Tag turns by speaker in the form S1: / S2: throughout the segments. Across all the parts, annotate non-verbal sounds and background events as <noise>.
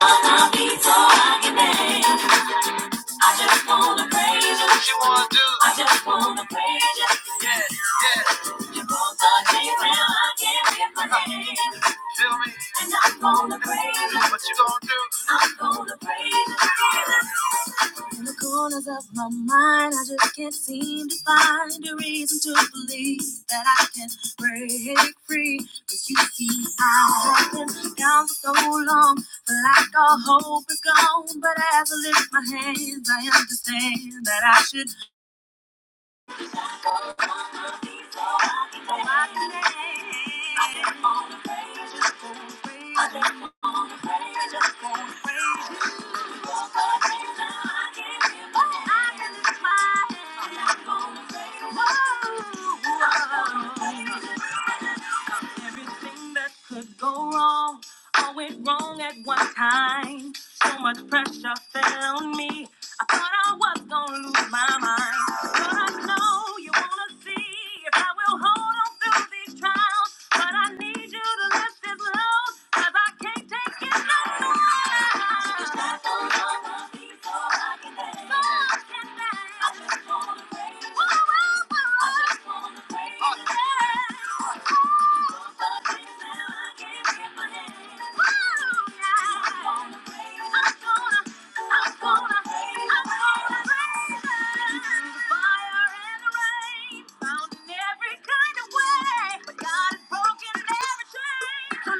S1: What you gonna do? I'm gonna praise you. In the corners of my mind, I just can't seem to find a reason to believe that I can break free. Cause you see, I've been down for so long, like all hope is gone. But as I lift my hands, I understand that I should. I I Whoa. Everything that could go wrong, all went wrong at one time. So much pressure fell on me. I thought I was gonna lose my mind. But I know you wanna see if I will hold on through these trials. But I need you to lift this load, 'cause I can't take it no more. I just don't wanna be so uncontent. So uncontent. I just wanna praise you. Whoa, whoa, whoa. I just wanna praise you. Oh, yeah. Found in every kind of way, but God has broken every chain. To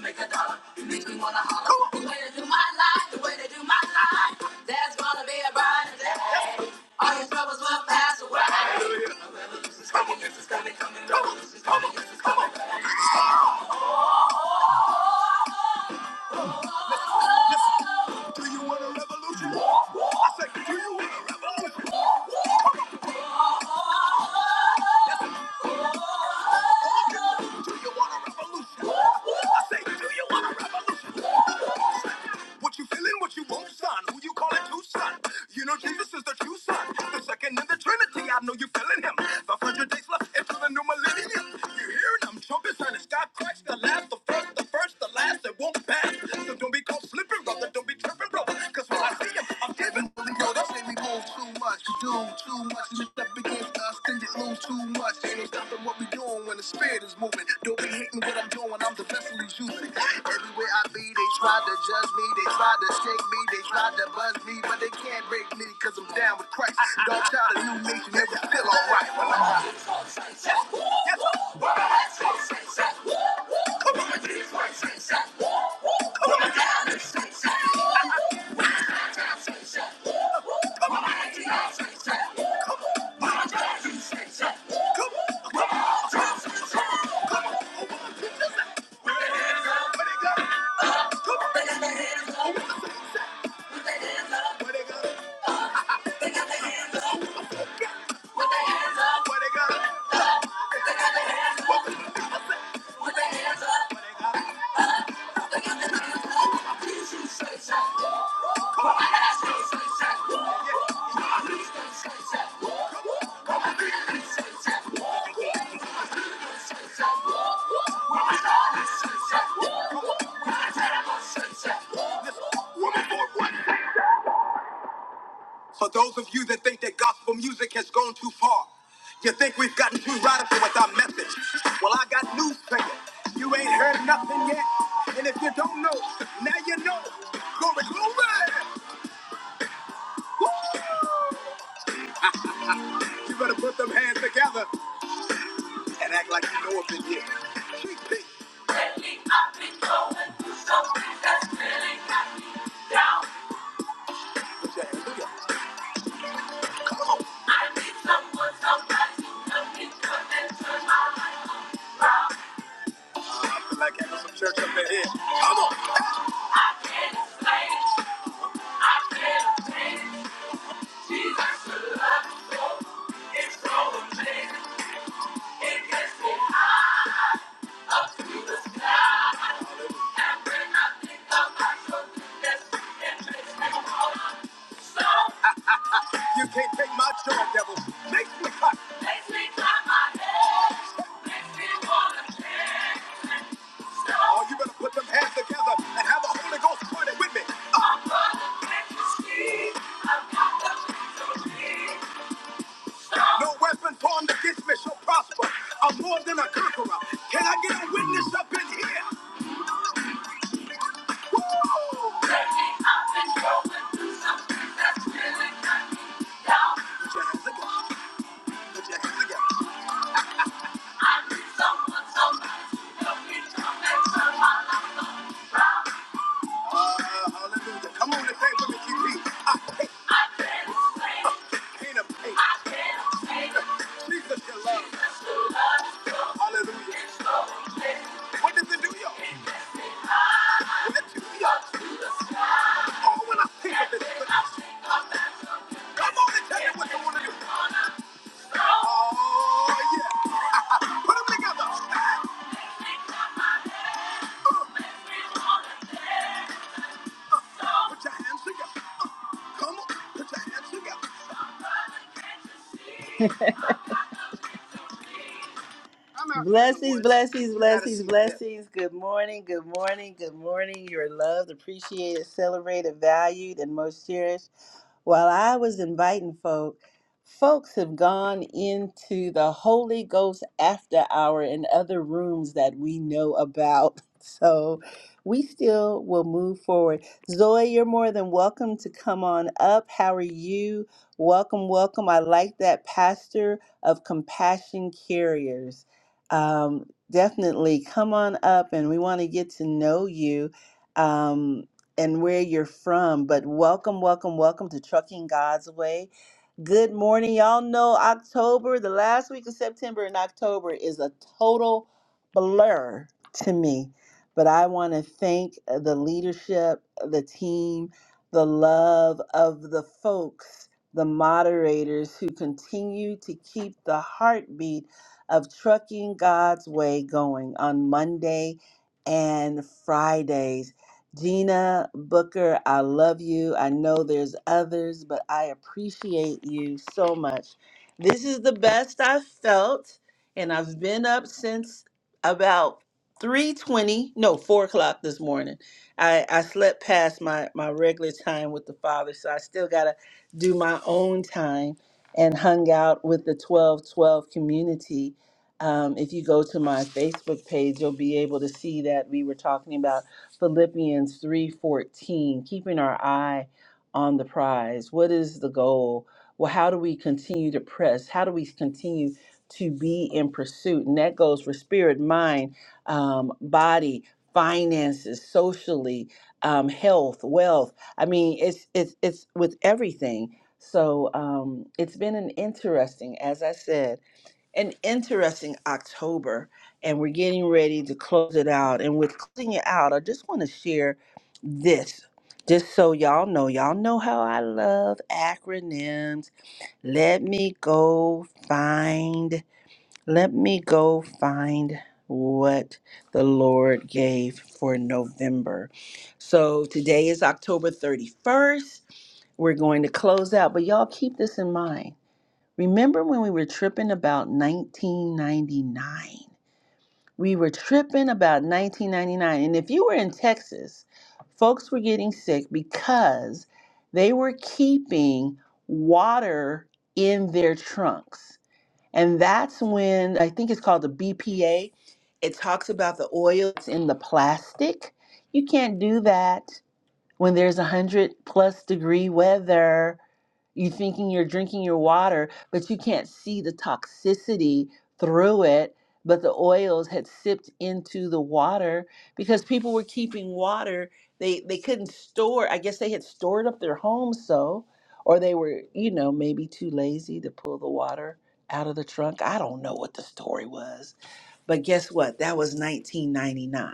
S1: make a dollar, you make me wanna holler. The way to do my life, the way to do my life. There's gonna be a brighter day. All your troubles will pass away. Hallelujah. It's coming, this. it's coming, coming, oh, it's coming, yes, it's coming. I say, do you want a revolution? What you feeling, what you want, son? Who you calling son? You know Jesus is the true son. The second in the Trinity, I know you feeling him. 500 days left into the new millennium. You hearing them trumpets and it's God Christ, the last, the first, the first, the last, it won't pass. So don't be caught slipping, brother, don't be tripping, brother. Cause when I see him, I'm giving. Yo, that's me. Too much, we do too much, and it's up against us, then you lose too much. Ain't no stopping what we doing when the spirit is moving. Don't be hating what I'm doing, I'm the vessel he's using. Everywhere I be, they try to judge me, they try to shake me, they try to buzz me, but they can't break me, cause I'm down with Christ. Dog child of new nation, it was still alright. Well, I'm out. Come on, For those of you that think that gospel music has gone too far, you think we've gotten too radical with our message. Well, I got news for you. You ain't heard nothing yet. And if you don't know, now you know. Glory, glory! You better put them hands together and act like you know what it is. Cheek, cheek. Lately, I've been going through something that's really got me down. Put your hands together. I need someone, somebody to come into and turn my life. Like having some church up in here. Come on. It's like I've never seen it. Jesus, the love so, it's so amazing. It gets me, I think I'm not sure that's it makes me so. You can't take my joy, devil. Make me hot. Makes me clap my hands. Makes me wanna dance. So, Oh, you better put them hands together and have the Holy Ghost party with me. Uh. No weapon formed against me shall prosper. I'm more than a conqueror. Can I get a witness up in here? Woo! Lately, I've been going through something that's really got me down. Put your hands together. Put your hands together. Someone told me to come back. Uh, hallelujah. Come on and say it with me, GP. I take up the pain of pain. Jesus, your love. Hallelujah. What does it do, y'all? What does it do y'all? Oh, when I think of it, come on and tell me what you want to do. Oh, yeah. <laughs> Put them together. Put your hands together. Come on. Put your hands together. I'm out Blessings, blessings, blessings, blessings. Good morning, good morning, good morning. You're loved, appreciated, celebrated, valued, and most cherished. while I was inviting folk, folks have gone into the Holy Ghost after hour and other rooms that we know about. <laughs> So we still will move forward. Zoe, you're more than welcome to come on up. How are you? Welcome, welcome. I like that pastor of compassion carriers. Um, definitely come on up and we want to get to know you. Um, and where you're from. But welcome, welcome, welcome to Trucking God's Way. Good morning. Y'all know October, the last week of September and October is a total blur to me. But I want to thank uh, the leadership, the team, the love of the folks, the moderators who continue to keep the heartbeat of Trucking God's Way going on Monday and Fridays. Gina Booker, I love you. I know there's others, but I appreciate you so much. This is the best I've felt, and I've been up since about 3:20, no, 4 o'clock this morning. I, I slept past my, my regular time with the father, so I still gotta do my own time and hung out with the 1212 community. Um, if you go to my Facebook page, you'll be able to see that we were talking about Philippians 3:14, keeping our eye on the prize. What is the goal? Well, how do we continue to press? How do we continue to be in pursuit? And that goes for spirit, mind, um, body, finances, socially, um, health, wealth. I mean, it's it's it's with everything. So um, it's been an interesting, as I said an interesting October, and we're getting ready to close it out. And with closing it out, I just want to share this. Just so y'all know, y'all know how I love acronyms. Let me go find, let me go find what the Lord gave for November. So today is October 31st. We're going to close out, but y'all keep this in mind Remember when we were tripping about 1999? We were tripping about 1999. And if you were in Texas, folks were getting sick because they were keeping water in their trunks. And that's when I think it's called the BPA. It talks about the oils in the plastic. You can't do that. When there's a hundred plus degree weather, you thinking you're drinking your water, but you can't see the toxicity through it. But the oils had sipped into the water because people were keeping water. They they couldn't store. I guess they had stored up their homes so, or they were you know maybe too lazy to pull the water out of the trunk. I don't know what the story was, but guess what? That was 1999.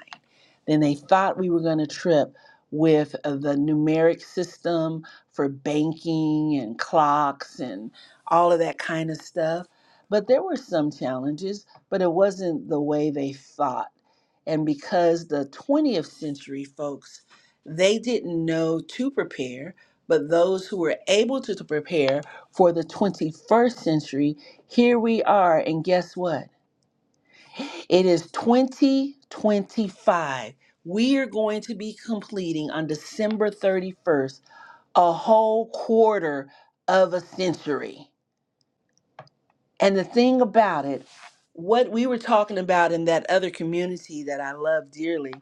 S1: Then they thought we were going to trip with uh, the numeric system for banking and clocks and all of that kind of stuff. But there were some challenges, but it wasn't the way they thought. And because the 20th century folks, they didn't know to prepare, but those who were able to to prepare for the 21st century, here we are. And guess what? It is 2025. We are going to be completing on December 31st a whole quarter of a century. And the thing about it, what we were talking about in that other community that I love dearly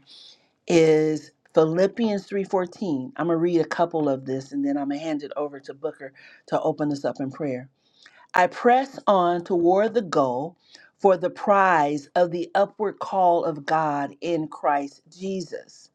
S1: is Philippians 3:14. I'm going to read a couple of this and then I'm going to hand it over to Booker to open us up in prayer. I press on toward the goal for the prize of the upward call of God in Christ Jesus.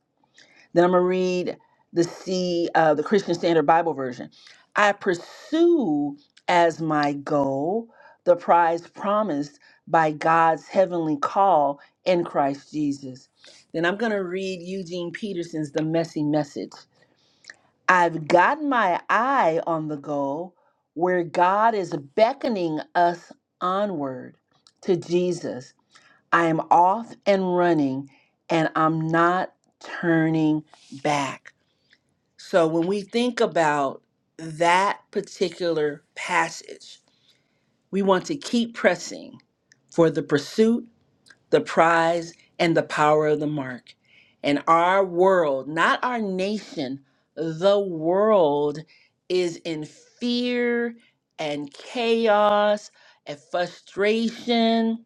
S1: Then I'm gonna read the C, uh, the Christian Standard Bible version. I pursue as my goal the prize promised by God's heavenly call in Christ Jesus. Then I'm gonna read Eugene Peterson's The Messy Message. I've got my eye on the goal where God is beckoning us onward to Jesus. I am off and running and I'm not turning back. So when we think about that particular passage, we want to keep pressing for the pursuit the prize and the power of the mark. And our world, not our nation, the world is in fear and chaos and frustration.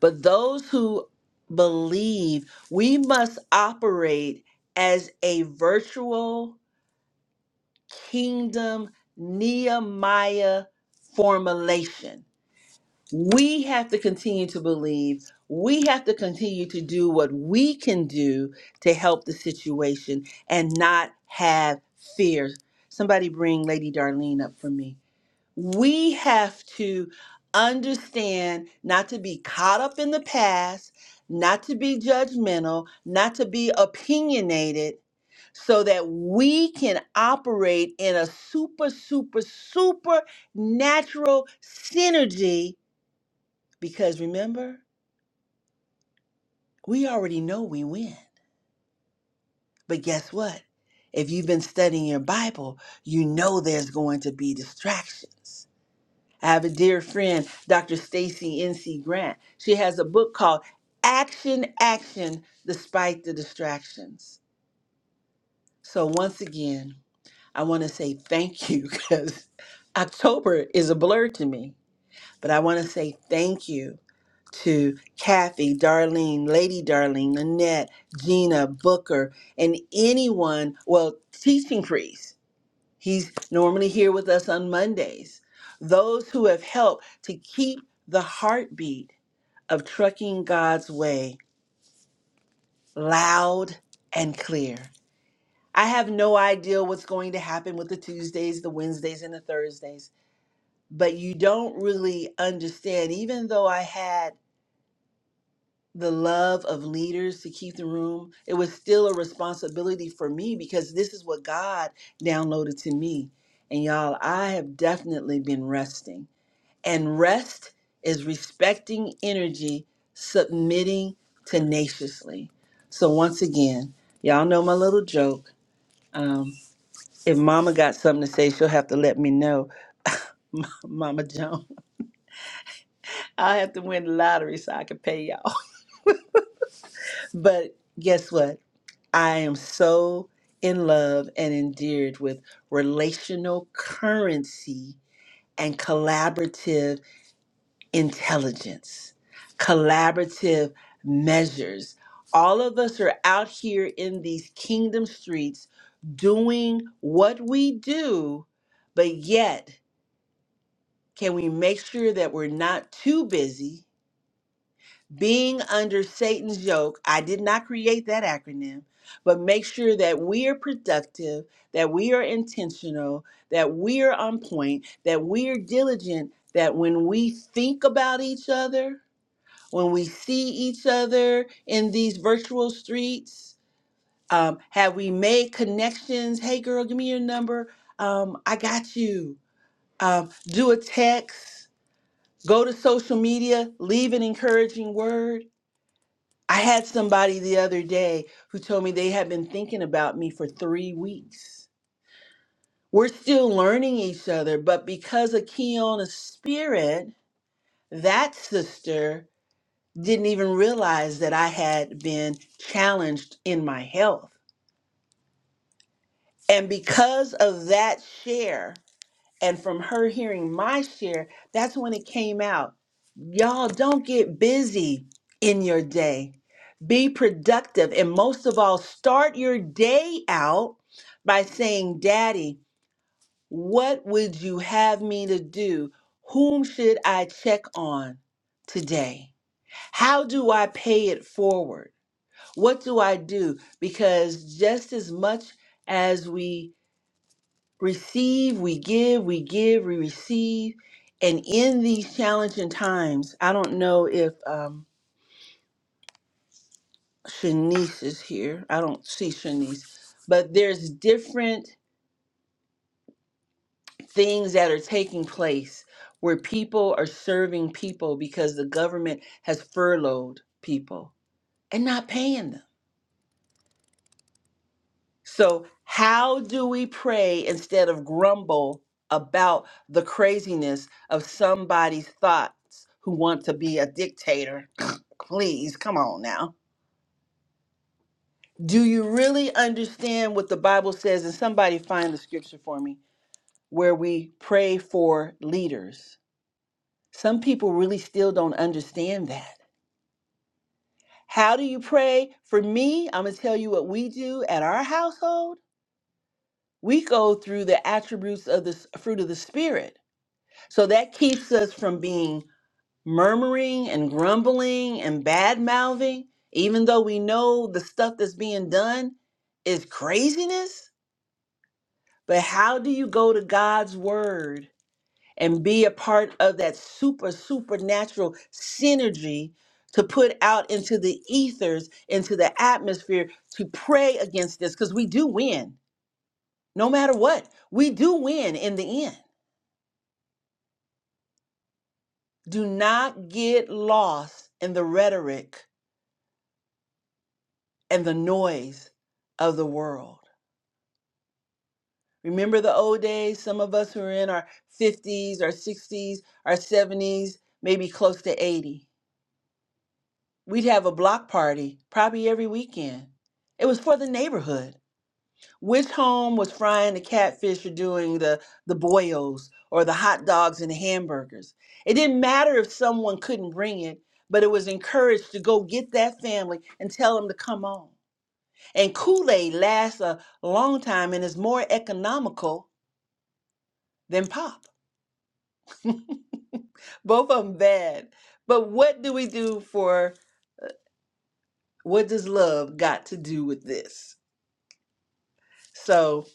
S1: But those who believe, we must operate as a virtual kingdom Nehemiah formulation we have to continue to believe. We have to continue to do what we can do to help the situation and not have fear. Somebody bring Lady Darlene up for me. We have to understand not to be caught up in the past, not to be judgmental, not to be opinionated, so that we can operate in a super, super, super natural synergy because remember, we already know we win. But guess what? If you've been studying your Bible, you know there's going to be distractions. I have a dear friend, Dr. Stacy NC Grant. She has a book called Action Action Despite the Distractions. So once again, I want to say thank you <laughs> because October is a blur to me. But I want to say thank you to Kathy, Darlene, Lady Darlene, Annette, Gina, Booker, and anyone, well, teaching priest. He's normally here with us on Mondays. Those who have helped to keep the heartbeat of trucking God's way loud and clear. I have no idea what's going to happen with the Tuesdays, the Wednesdays, and the Thursdays, but you don't really understand, even though I had the love of leaders to keep the room. It was still a responsibility for me because this is what God downloaded to me. And y'all, I have definitely been resting. And rest is respecting energy, submitting tenaciously. So, once again, y'all know my little joke. Um, if mama got something to say, she'll have to let me know. <laughs> Mama Joan, I <laughs> have to win the lottery so I can pay y'all. <laughs> But guess what? I am so in love and endeared with relational currency and collaborative intelligence, collaborative measures. All of us are out here in these kingdom streets doing what we do, but yet, can we make sure that we're not too busy? being under Satan's yoke, I did not create that acronym, but make sure that we are productive, that we are intentional, that we are on point, that we are diligent, that when we think about each other, when we see each other in these virtual streets, um, have we made connections? Hey, girl, give me your number. Um, I got you. Um, do a text, go to social media, leave an encouraging word I had somebody the other day who told me they had been thinking about me for three weeks. We're still learning each other, but because of Keona's spirit, that sister didn't even realize that I had been challenged in my health. And because of that share, And from her hearing my share, that's when it came out. Y'all don't get busy in your day. Be productive. And most of all, start your day out by saying, Daddy, what would you have me to do? Whom should I check on today? How do I pay it forward? What do I do? Because just as much as we receive, we give, we give, we receive. And in these challenging times, I don't know if um, Shanice is here. I don't see Shanice, but there's different things that are taking place where people are serving people because the government has furloughed people and not paying them So, how do we pray instead of grumble about the craziness of somebody's thoughts who want to be a dictator? <sniffs> <clears throat> Please, come on now. Do you really understand what the Bible says? And somebody find the scripture for me where we pray for leaders. Some people really still don't understand that. How do you pray? For me, I'm going to tell you what we do at our household. We go through the attributes of the s- fruit of the Spirit So that keeps us from being murmuring and grumbling and bad mouthing, even though we know the stuff that's being done is craziness. But how do you go to God's word and be a part of that super, supernatural synergy to put out into the ethers, into the atmosphere to pray against this? Because we do win, no matter what. We do win in the end. Do not get lost in the rhetoric and the noise of the world. Remember the old days? Some of us who are in our 50s, our 60s, our 70s, maybe close to 80. We'd have a block party probably every weekend. It was for the neighborhood. Which home was frying the catfish or doing the, the boils or the hot dogs and the hamburgers? It didn't matter if someone couldn't bring it, but it was encouraged to go get that family and tell them to come on. And Kool Aid lasts a long time and is more economical than pop. Both of them bad. But what do we do for what does love got to do with this? So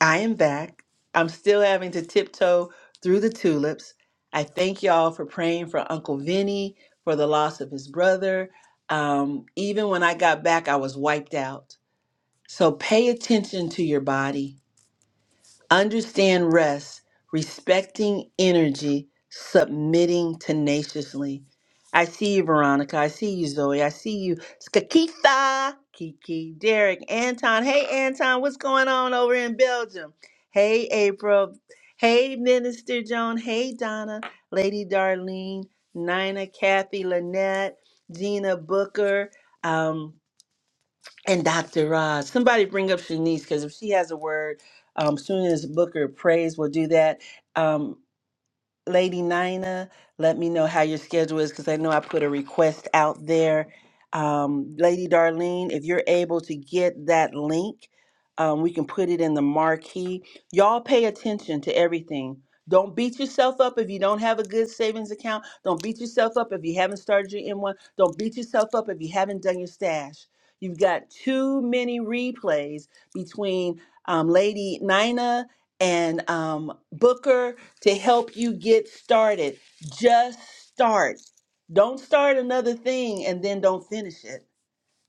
S1: I am back. I'm still having to tiptoe through the tulips. I thank y'all for praying for Uncle Vinny for the loss of his brother. Um, even when I got back, I was wiped out. So pay attention to your body Understand rest, respecting energy, submitting tenaciously. I see you, Veronica. I see you, Zoe. I see you, Skakitha, Kiki, Derek, Anton. Hey, Anton, what's going on over in Belgium? Hey, April. Hey, Minister Joan. Hey, Donna, Lady Darlene, Nina, Kathy, Lynette, Gina Booker. Um, and Dr. Rod. Somebody bring up Shanice because if she has a word, um, soon as Booker prays, we'll do that. Um, Lady Nina, let me know how your schedule is because I know I put a request out there. Um, Lady Darlene, if you're able to get that link, um, we can put it in the marquee. Y'all pay attention to everything. Don't beat yourself up if you don't have a good savings account. Don't beat yourself up if you haven't started your M1. Don't beat yourself up if you haven't done your stash. You've got too many replays between um, Lady Nina and um, Booker to help you get started. Just start. Don't start another thing and then don't finish it.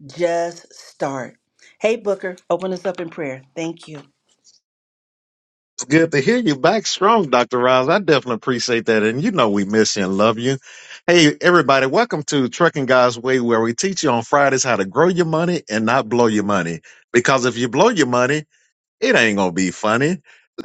S1: Just start. Hey, Booker, open us up in prayer. Thank you.
S2: It's good to hear you back strong, Dr. Roz. I definitely appreciate that. And you know we miss you and love you. Hey, everybody, welcome to Trucking God's Way, where we teach you on Fridays how to grow your money and not blow your money. Because if you blow your money, it ain't gonna be funny.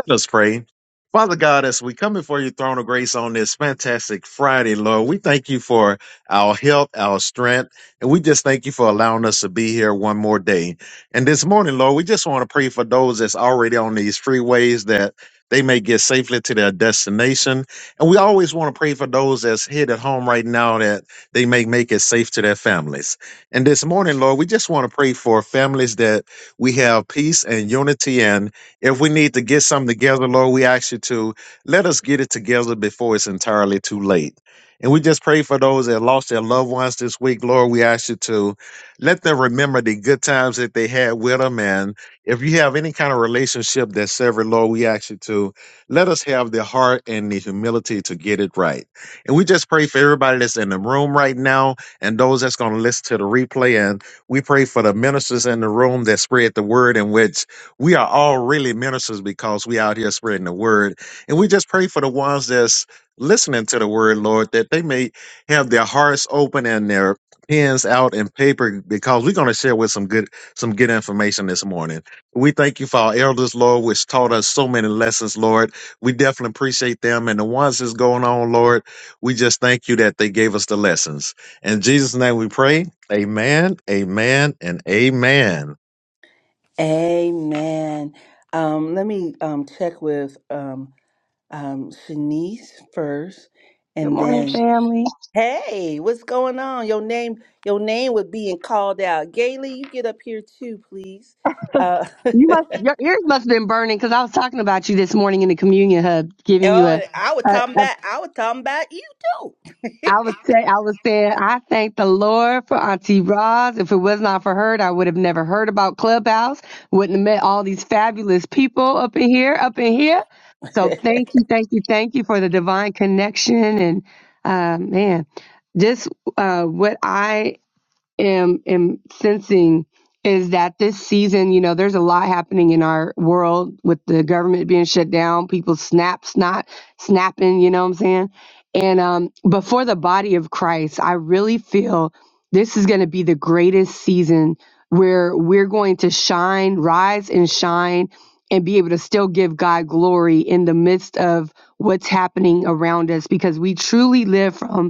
S2: Let us pray. Father God, as we come before your throne of grace on this fantastic Friday, Lord, we thank you for our health, our strength, and we just thank you for allowing us to be here one more day. And this morning, Lord, we just want to pray for those that's already on these freeways that they may get safely to their destination. And we always want to pray for those that's hit at home right now that they may make it safe to their families. And this morning, Lord, we just want to pray for families that we have peace and unity. And if we need to get something together, Lord, we ask you to let us get it together before it's entirely too late. And we just pray for those that lost their loved ones this week, Lord. We ask you to let them remember the good times that they had with them. And if you have any kind of relationship that's severed, Lord, we ask you to let us have the heart and the humility to get it right. And we just pray for everybody that's in the room right now and those that's going to listen to the replay. and. We pray for the ministers in the room that spread the word, in which we are all really ministers because we out here spreading the word. And we just pray for the ones that's listening to the word, Lord, that they may have their hearts open and their pens out and paper because we're going to share with some good some good information this morning. We thank you for our elders, Lord, which taught us so many lessons, Lord. We definitely appreciate them. And the ones that's going on, Lord, we just thank you that they gave us the lessons. In Jesus' name we pray. Amen, amen, and amen.
S1: Amen. Um, let me um, check with um, um, Shanice first,
S3: Good
S1: and
S3: morning,
S1: then.
S3: family.
S1: Hey, what's going on? Your name, your name was being called out. Gailey, you get up here too, please. Uh, <laughs>
S3: You must your ears must have been burning because I was talking about you this morning in the communion hub, giving you
S1: Oh,
S3: a.
S1: I was
S3: a,
S1: talking
S3: a
S1: about I was talking about you too. <laughs>
S3: I was say I was saying I thank the Lord for Auntie Roz. If it was not for her, I would have never heard about Clubhouse. Wouldn't have met all these fabulous people up in here, up in here. So thank you, thank you, thank you for the divine connection and uh, man, just uh, what I am am sensing is that this season, you know, there's a lot happening in our world with the government being shut down, people snaps not snapping, you know what I'm saying? And um but for the body of Christ, I really feel this is going to be the greatest season where we're going to shine, rise and shine and be able to still give God glory in the midst of what's happening around us because we truly live from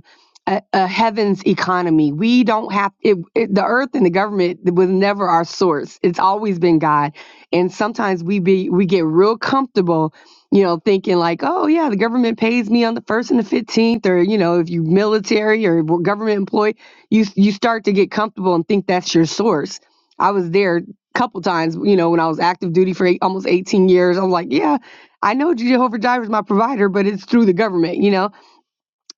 S3: a, a heaven's economy. We don't have it, it- the earth and the government was never our source. It's always been God. And sometimes we be we get real comfortable, you know, thinking like, oh yeah, the government pays me on the first and the fifteenth, or you know, if you military or w- government employee, you you start to get comfortable and think that's your source. I was there a couple times, you know, when I was active duty for eight, almost eighteen years. I am like, yeah, I know Jehovah Jireh is my provider, but it's through the government, you know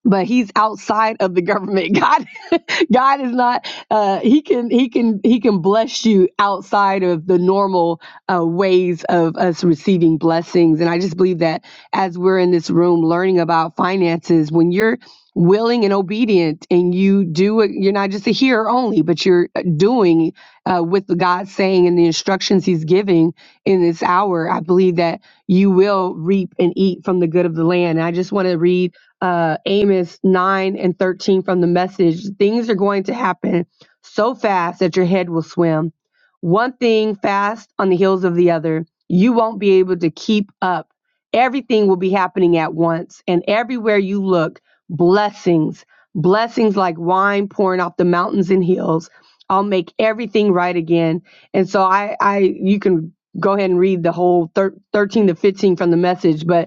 S3: but he's outside of the government god <laughs> god is not uh he can he can he can bless you outside of the normal uh ways of us receiving blessings and i just believe that as we're in this room learning about finances when you're willing and obedient and you do it you're not just a hearer only but you're uh, doing uh, with the god saying and the instructions he's giving in this hour i believe that you will reap and eat from the good of the land and i just want to read uh, Amos 9 and 13 from the message, things are going to happen so fast that your head will swim. One thing fast on the heels of the other. You won't be able to keep up. Everything will be happening at once. And everywhere you look, blessings, blessings like wine pouring off the mountains and hills. I'll make everything right again. And so I, I you can go ahead and read the whole thir- 13 to 15 from the message, but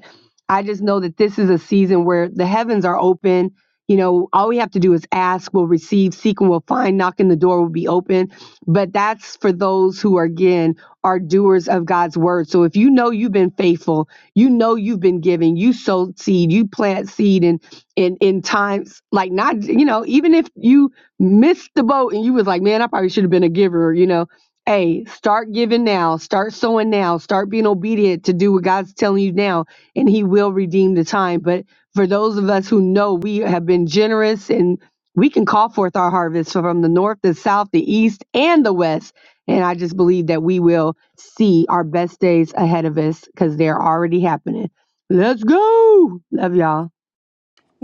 S3: I just know that this is a season where the heavens are open. You know, all we have to do is ask, we'll receive, seek, and we'll find, knock, and the door will be open. But that's for those who are, again, are doers of God's word. So if you know you've been faithful, you know you've been giving, you sow seed, you plant seed in in in times like not, you know, even if you missed the boat and you was like, man, I probably should have been a giver, you know. Hey, start giving now, start sowing now, start being obedient to do what God's telling you now and he will redeem the time. But for those of us who know we have been generous and we can call forth our harvest from the north, the south, the east, and the west. And I just believe that we will see our best days ahead of us because they're already happening. Let's go. Love y'all.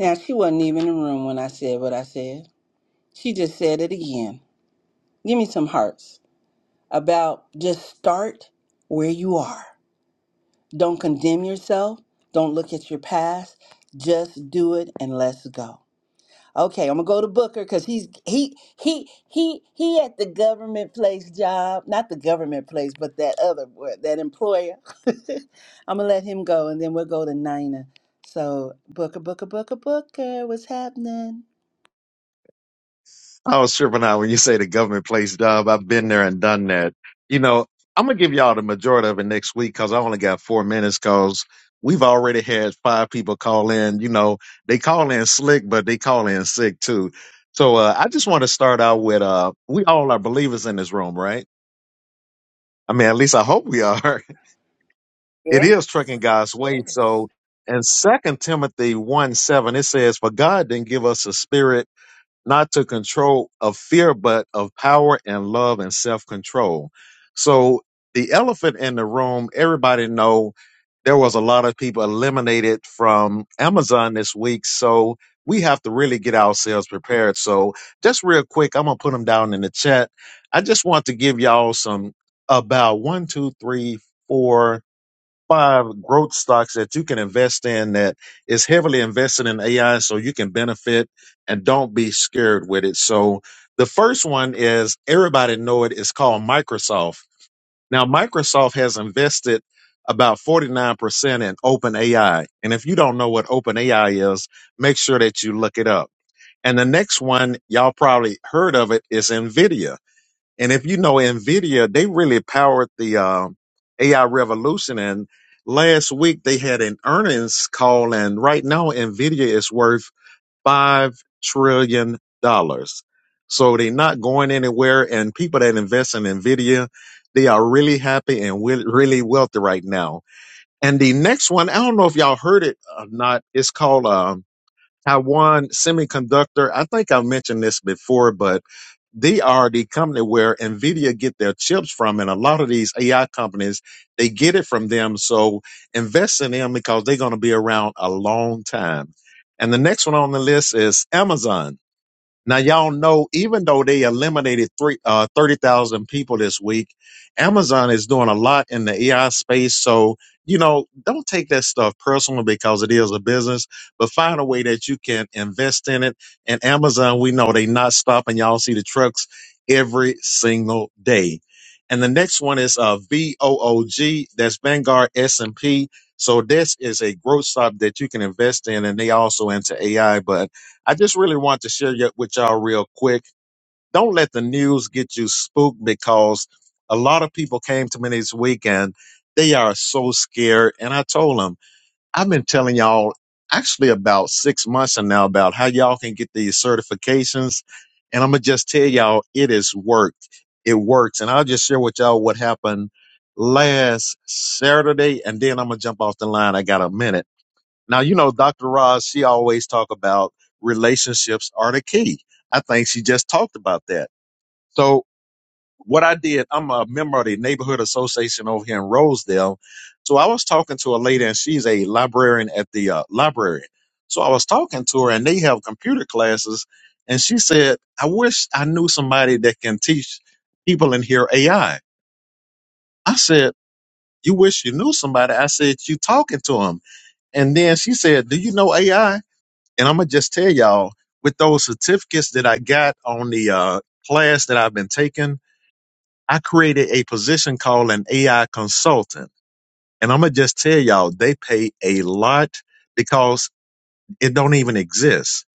S1: Now, she wasn't even in the room when I said what I said. She just said it again. Give me some hearts about just start where you are. Don't condemn yourself. Don't look at your past. Just do it and let's go. Okay, I'm gonna go to Booker because he's he he he he at the government place job, not the government place, but that other word, that employer. <laughs> I'm gonna let him go, and then we'll go to Nina. So Booker, Booker, Booker, Booker, what's happening?
S2: I was tripping out when you say the government place job. I've been there and done that. You know, I'm going to give y'all the majority of it next week because I only got four minutes because we've already had five people call in. You know, they call in slick, but they call in sick too. So uh, I just want to start out with uh, we all are believers in this room, right? I mean, at least I hope we are. <laughs> It is trucking God's way. So in Second Timothy 1 7, it says, For God didn't give us a spirit not to control of fear, but of power and love and self control. So the elephant in the room, everybody know there was a lot of people eliminated from Amazon this week. So we have to really get ourselves prepared. So just real quick, I'm gonna put them down in the chat. I just want to give y'all some about one, two, three, four five growth stocks that you can invest in that is heavily invested in AI so you can benefit and don't be scared with it. So the first one is everybody know it is called Microsoft. Now Microsoft has invested about 49% in OpenAI. And if you don't know what OpenAI is, make sure that you look it up. And the next one y'all probably heard of it is Nvidia. And if you know NVIDIA, they really powered the um, AI revolution. And last week they had an earnings call, and right now NVIDIA is worth $5 trillion. dollars. So they're not going anywhere. And people that invest in NVIDIA, they are really happy and wi- really wealthy right now. And the next one, I don't know if y'all heard it or not, it's called um, Taiwan Semiconductor. I think I've mentioned this before, but they are the company where Nvidia get their chips from, and a lot of these AI companies they get it from them. So invest in them because they're going to be around a long time. And the next one on the list is Amazon. Now y'all know, even though they eliminated three uh, thirty thousand people this week, Amazon is doing a lot in the AI space. So you know, don't take that stuff personal because it is a business, but find a way that you can invest in it. And Amazon, we know they not stopping. Y'all see the trucks every single day. And the next one is uh, VOOG. That's Vanguard S and P. So this is a growth stock that you can invest in, and they also into AI, but I just really want to share y- with y'all real quick. Don't let the news get you spooked because a lot of people came to me this weekend. They are so scared. And I told them, I've been telling y'all actually about six months and now about how y'all can get these certifications. And I'm going to just tell y'all it is worked. It works. And I'll just share with y'all what happened last Saturday. And then I'm going to jump off the line. I got a minute now, you know, Dr. Roz, she always talk about relationships are the key. I think she just talked about that. So what I did, I'm a member of the neighborhood association over here in Rosedale. So I was talking to a lady and she's a librarian at the uh, library. So I was talking to her and they have computer classes. And she said, I wish I knew somebody that can teach people in here AI. I I said, you wish you knew somebody. I said, you talking to them. And then she said, do you know AI? And I'm gonna just tell y'all with those certificates that I got on the uh, class that I've been taking, I created a position called an AI consultant. And I'm gonna just tell y'all they pay a lot because it don't even exist.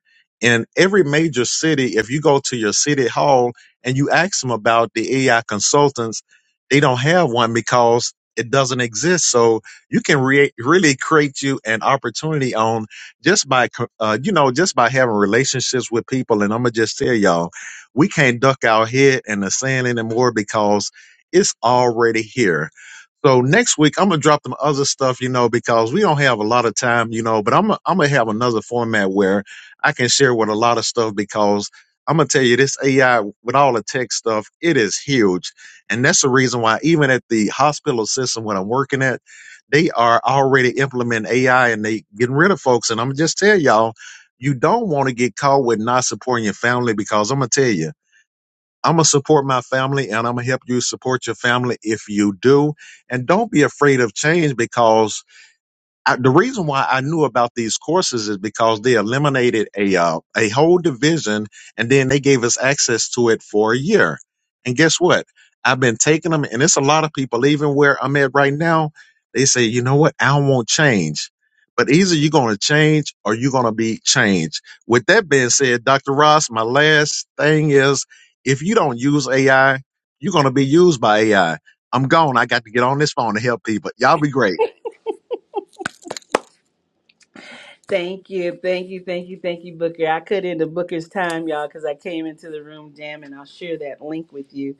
S2: In every major city, if you go to your city hall and you ask them about the AI consultants, they don't have one because it doesn't exist. So you can re- really create you an opportunity on just by, co- uh, you know, just by having relationships with people. And I'm gonna just tell y'all, we can't duck our head in the sand anymore because it's already here so next week I'm gonna drop them other stuff, you know, because we don't have a lot of time, you know. But I'm i am i gonna have another format where I can share with a lot of stuff because I'm gonna tell you this AI with all the tech stuff, it is huge, and that's the reason why even at the hospital system when I'm working at, they are already implementing AI and they getting rid of folks. And I'm gonna just tell y'all, you don't want to get caught with not supporting your family because I'm gonna tell you. I'm gonna support my family and I'm gonna help you support your family if you do. And don't be afraid of change because I, the reason why I knew about these courses is because they eliminated a uh, a whole division, and then they gave us access to it for a year. And guess what? I've been taking them, and it's a lot of people. Even where I'm at right now, they say, you know what? I won't change. But either you're going to change or you're going to be changed. With that being said, Dr. Ross, my last thing is if you don't use AI, you're going to be used by AI. I'm gone. I got to get on this phone to help people. Y'all be great.
S1: Thank you, thank you, thank you, thank you, Booker. I cut into Booker's time, y'all, because I came into the room jam, and I'll share that link with you.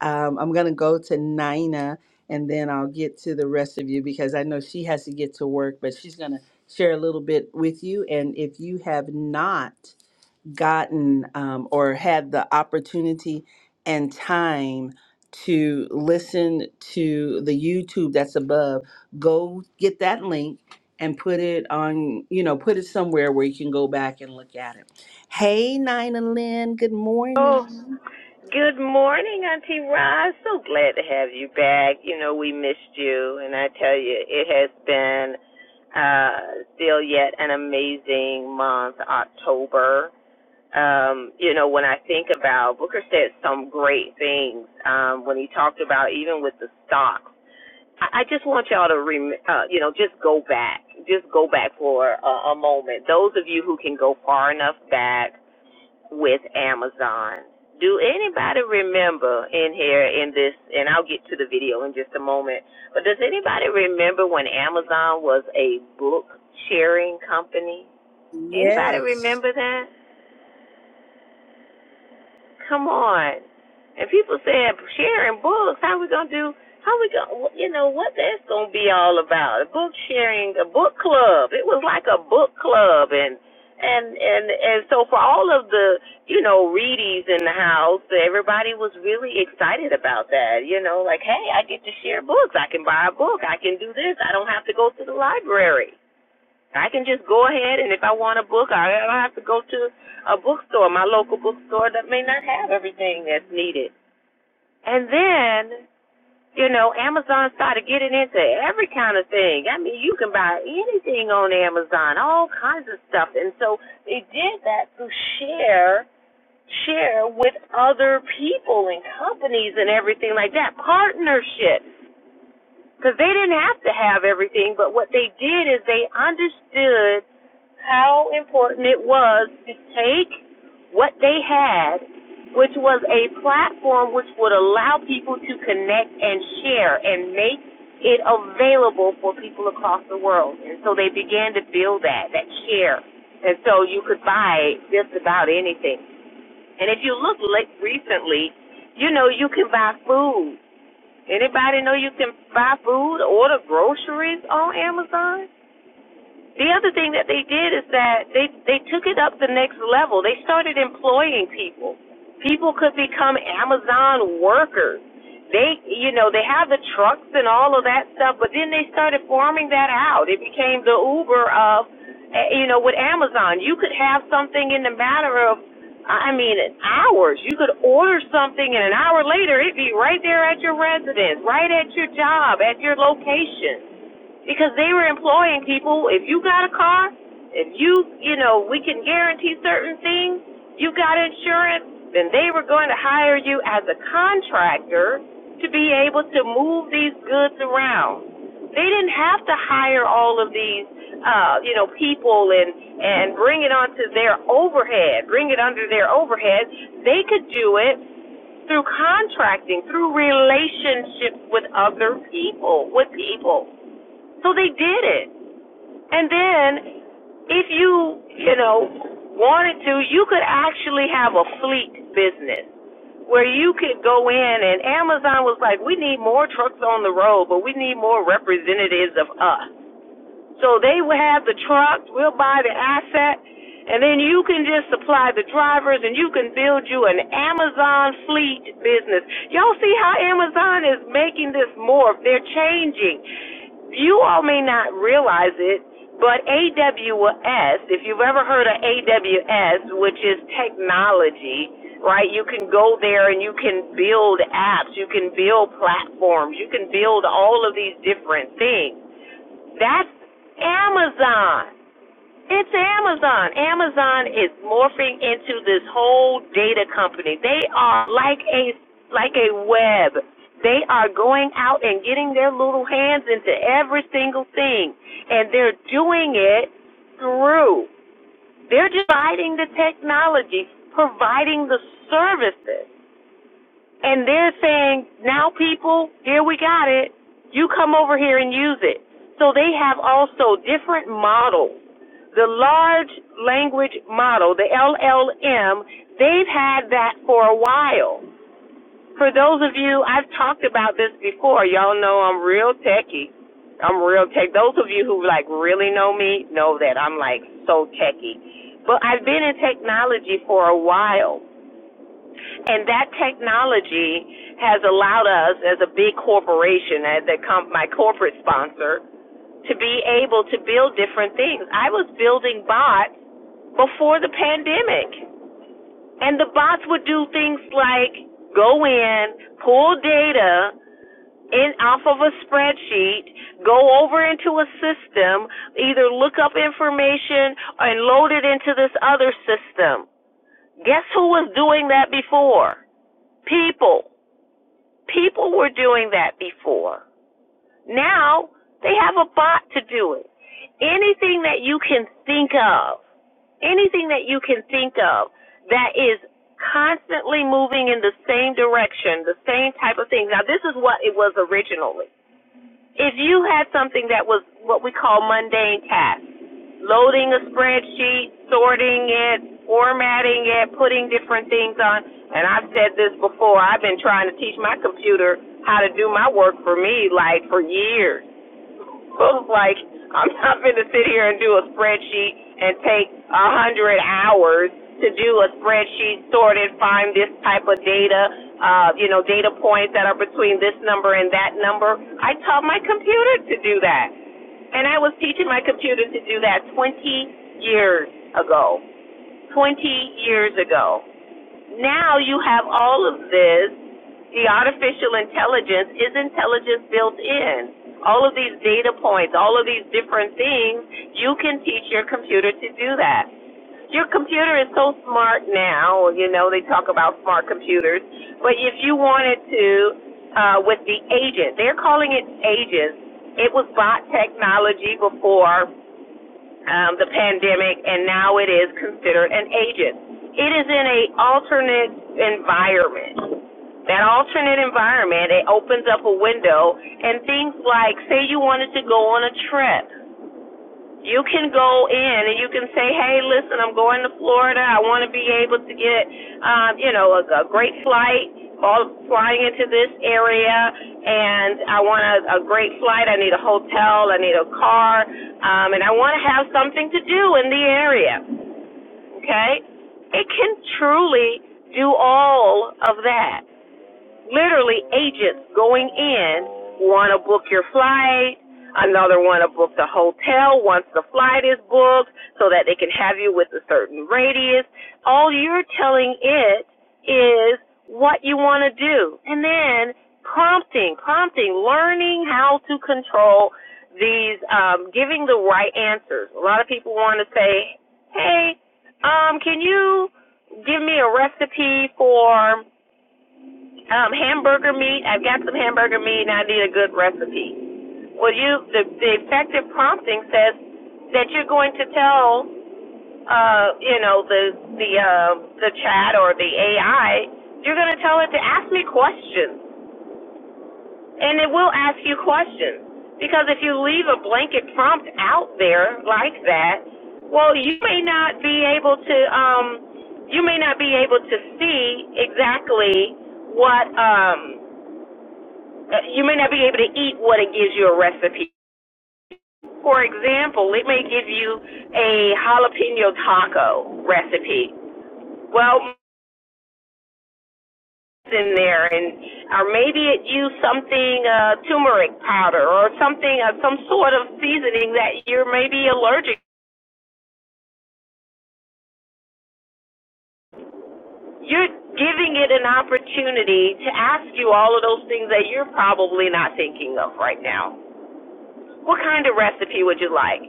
S1: Um, I'm gonna go to Nina, and then I'll get to the rest of you because I know she has to get to work, but she's gonna share a little bit with you. And if you have not gotten um, or had the opportunity and time to listen to the YouTube that's above, go get that link and put it on, you know, put it somewhere where you can go back and look at it. Hey, Nina Lynn, good
S4: Oh,
S1: morning.
S4: good morning, Auntie Roz. So glad to have you back. You know, we missed you, and I tell you, it has been uh, still yet an amazing month, October. Um, you know, when I think about Booker said some great things um, when he talked about even with the stocks. I I just want y'all to, rem- uh, you know, just go back, just go back for a, a moment. Those of you who can go far enough back with Amazon. Do anybody remember in here in this, and I'll get to the video in just a moment, but does anybody remember when Amazon was a book sharing company? Anybody
S1: Yes.
S4: remember that? Come on. And people said sharing books. How we gonna do? How we gonna? You know what that's gonna be all about? A book sharing, a book club. It was like a book club, and and and and so for all of the you know readies in the house, everybody was really excited about that. You know, like hey, I get to share books. I can buy a book. I can do this. I don't have to go to the library. I can just go ahead and if I want a book, I don't have to go to a bookstore, my local bookstore that may not have everything that's needed. And then, you know, Amazon started getting into every kind of thing. I mean, you can buy anything on Amazon, all kinds of stuff. And so they did that to share share with other people and companies and everything like that. Partnerships. Because they didn't have to have everything, but what they did is they understood how important it was to take what they had, which was a platform which would allow people to connect and share and make it available for people across the world. And so they began to build that, that share. And so you could buy just about anything. And if you look recently, you know you can buy food. Anybody know you can buy food, order groceries on Amazon? The other thing that they did is that they they took it up the next level. They started employing people. People could become Amazon workers. They, you know, they have the trucks and all of that stuff, but then they started farming that out. It became the Uber of, eh, you know, with Amazon. You could have something in the matter of, I mean, hours. You could order something and an hour later it'd be right there at your residence, right at your job, at your location because they were employing people. If you got a car, if you, you know, we can guarantee certain things, you got insurance, then they were going to hire you as a contractor to be able to move these goods around. They didn't have to hire all of these, uh, you know, people and and bring it onto their overhead, bring it under their overhead. They could do it through contracting, through relationships with other people, with people. So they did it. And then if you, you know, wanted to, you could actually have a fleet business where you could go in and Amazon was like, we need more trucks on the road, but we need more representatives of us. So they will have the truck, we'll buy the asset, and then you can just supply the drivers and you can build you an Amazon fleet business. Y'all see how Amazon is making this morph? They're changing. You all may not realize it, but AWS, if you've ever heard of AWS, which is technology, right? You can go there and you can build apps, you can build platforms, you can build all of these different things. That's Amazon. It's Amazon. Amazon is morphing into this whole data company. They are like a like a web. They are going out and getting their little hands into every single thing, and they're doing it through. They're providing the technology, providing the services. And they're saying, now people, here we got it. You come over here and use it. So they have also different models. The large language model, the LLM, they've had that for a while. For those of you, I've talked about this before. Y'all know I'm real techie. I'm real tech. Those of you who like really know me know that I'm like so techie. But I've been in technology for a while. And that technology has allowed us, as a big corporation, as a com- my corporate sponsor, to be able to build different things. I was building bots before the pandemic, and the bots would do things like go in, pull data in off of a spreadsheet, go over into a system, either look up information and load it into this other system. Guess who was doing that before? People. People were doing that before. Now they have a bot to do it. Anything that you can think of, anything that you can think of that is constantly moving in the same direction, the same type of thing. Now this is what it was originally. If you had something that was what we call mundane tasks, loading a spreadsheet, sorting it, formatting it, putting different things on. And I've said this before, I've been trying to teach my computer how to do my work for me like for years. <laughs> Look like I'm not going to sit here and do a spreadsheet and take a hundred hours to do a spreadsheet, sort it, find this type of data, uh, you know, data points that are between this number and that number. I taught my computer to do that. And I was teaching my computer to do that 20 years ago. 20 years ago now you have all of this. The artificial intelligence is intelligence built in. All of these data points, all of these different things, you can teach your computer to do that. Your computer is so smart now, you know, they talk about smart computers, but if you wanted to, uh, with the agent, they're calling it agents. It was bot technology before um, the pandemic, and now it is considered an agent. It is in a alternate environment. That alternate environment, it opens up a window, and things like, say you wanted to go on a trip, you can go in and you can say, hey, listen, I'm going to Florida. I want to be able to get, um, you know, a, a great flight, all flying into this area, and I want a, a great flight. I need a hotel. I need a car, um, and I want to have something to do in the area. Okay, it can truly do all of that literally agents going in want to book your flight, another want to book the hotel once the flight is booked so that they can have you with a certain radius. All you're telling it is what you want to do. And then prompting, prompting, learning how to control these, um, giving the right answers. A lot of people want to say, hey, um, can you give me a recipe for um, hamburger meat. I've got some hamburger meat, and I need a good recipe. Well, you the, the effective prompting says that you're going to tell, uh, you know, the the uh, the chat or the AI, you're going to tell it to ask me questions, and it will ask you questions. Because if you leave a blanket prompt out there like that, well, you may not be able to, um, you may not be able to see exactly what. Um, uh, you may not be able to eat what it gives you a recipe. For example, it may give you a jalapeno taco recipe. Well, it's in there, and or maybe it used something uh, turmeric powder or something, uh, some sort of seasoning that you're maybe allergic. You're giving it an opportunity to ask you all of those things that you're probably not thinking of right now. What kind of recipe would you like?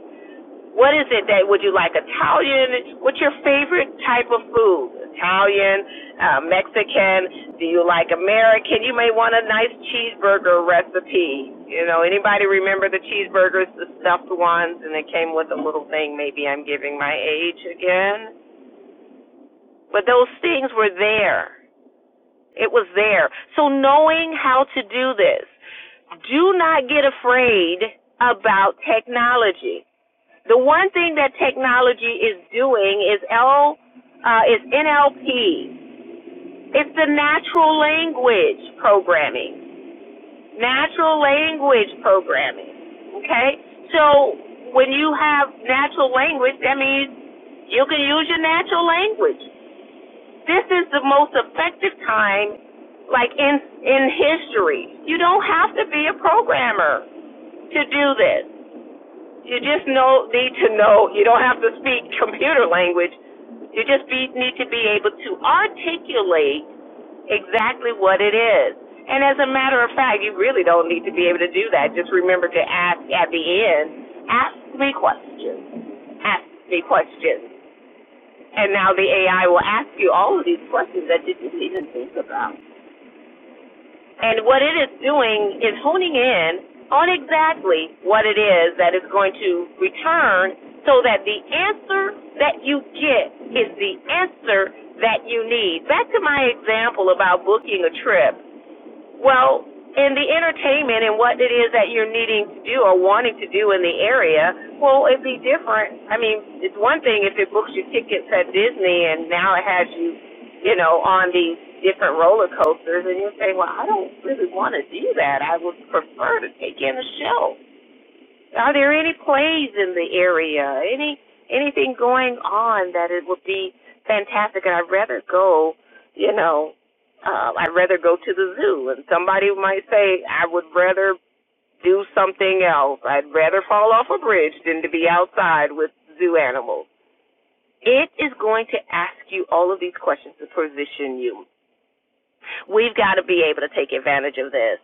S4: What is it that would you like? Italian? What's your favorite type of food? Italian, uh, Mexican? Do you like American? You may want a nice cheeseburger recipe. You know, anybody remember the cheeseburgers, the stuffed ones, and it came with a little thing? Maybe I'm giving my age again. But those things were there. It was there. So knowing how to do this, do not get afraid about technology the one thing that technology is doing is L uh, is NLP. It's the natural language programming. Natural language programming. Okay? So when you have natural language, that means you can use your natural language. This is the most effective time like in in history. You don't have to be a programmer to do this. You just know, need to know. You don't have to speak computer language. You just be, need to be able to articulate exactly what it is. And as a matter of fact, you really don't need to be able to do that. Just remember to ask at the end, ask me questions. Ask me questions. And now the AI will ask you all of these questions that you didn't even think about. And what it is doing is honing in on exactly what it is that is going to return so that the answer that you get is the answer that you need. Back to my example about booking a trip. Well, in the entertainment and what it is that you're needing to do or wanting to do in the area, well, it'd be different. I mean, it's one thing if it books you tickets at Disney and now it has you, you know, on these different roller coasters, and you're saying, well, I don't really want to do that. I would prefer to take in a show. Are there any plays in the area? Any anything going on that it would be fantastic? And I'd rather go, you know, uh, I'd rather go to the zoo. And somebody might say, I would rather do something else. I'd rather fall off a bridge than to be outside with zoo animals. It is going to ask you all of these questions to position you. We've got to be able to take advantage of this.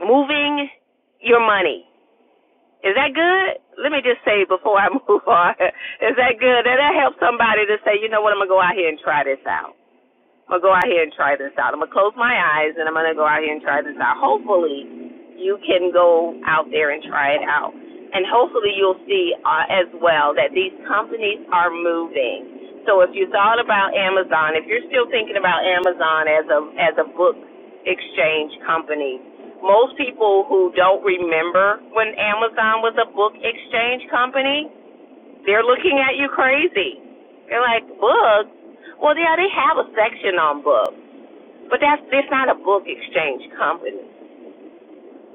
S4: Moving your money Is that good? Let me just say before I move on. <laughs> Is that good? Did that help somebody to say, you know what, I'm gonna go out here and try this out? I'm gonna go out here and try this out. I'm gonna close my eyes and I'm gonna go out here and try this out. Hopefully, you can go out there and try it out, and hopefully you'll see uh, as well that these companies are moving. So if you thought about Amazon, if you're still thinking about Amazon as a as a book exchange company, most people who don't remember when Amazon was a book exchange company they're looking at you crazy. They're like, books? Well, yeah, they have a section on books, but that's it's not a book exchange company.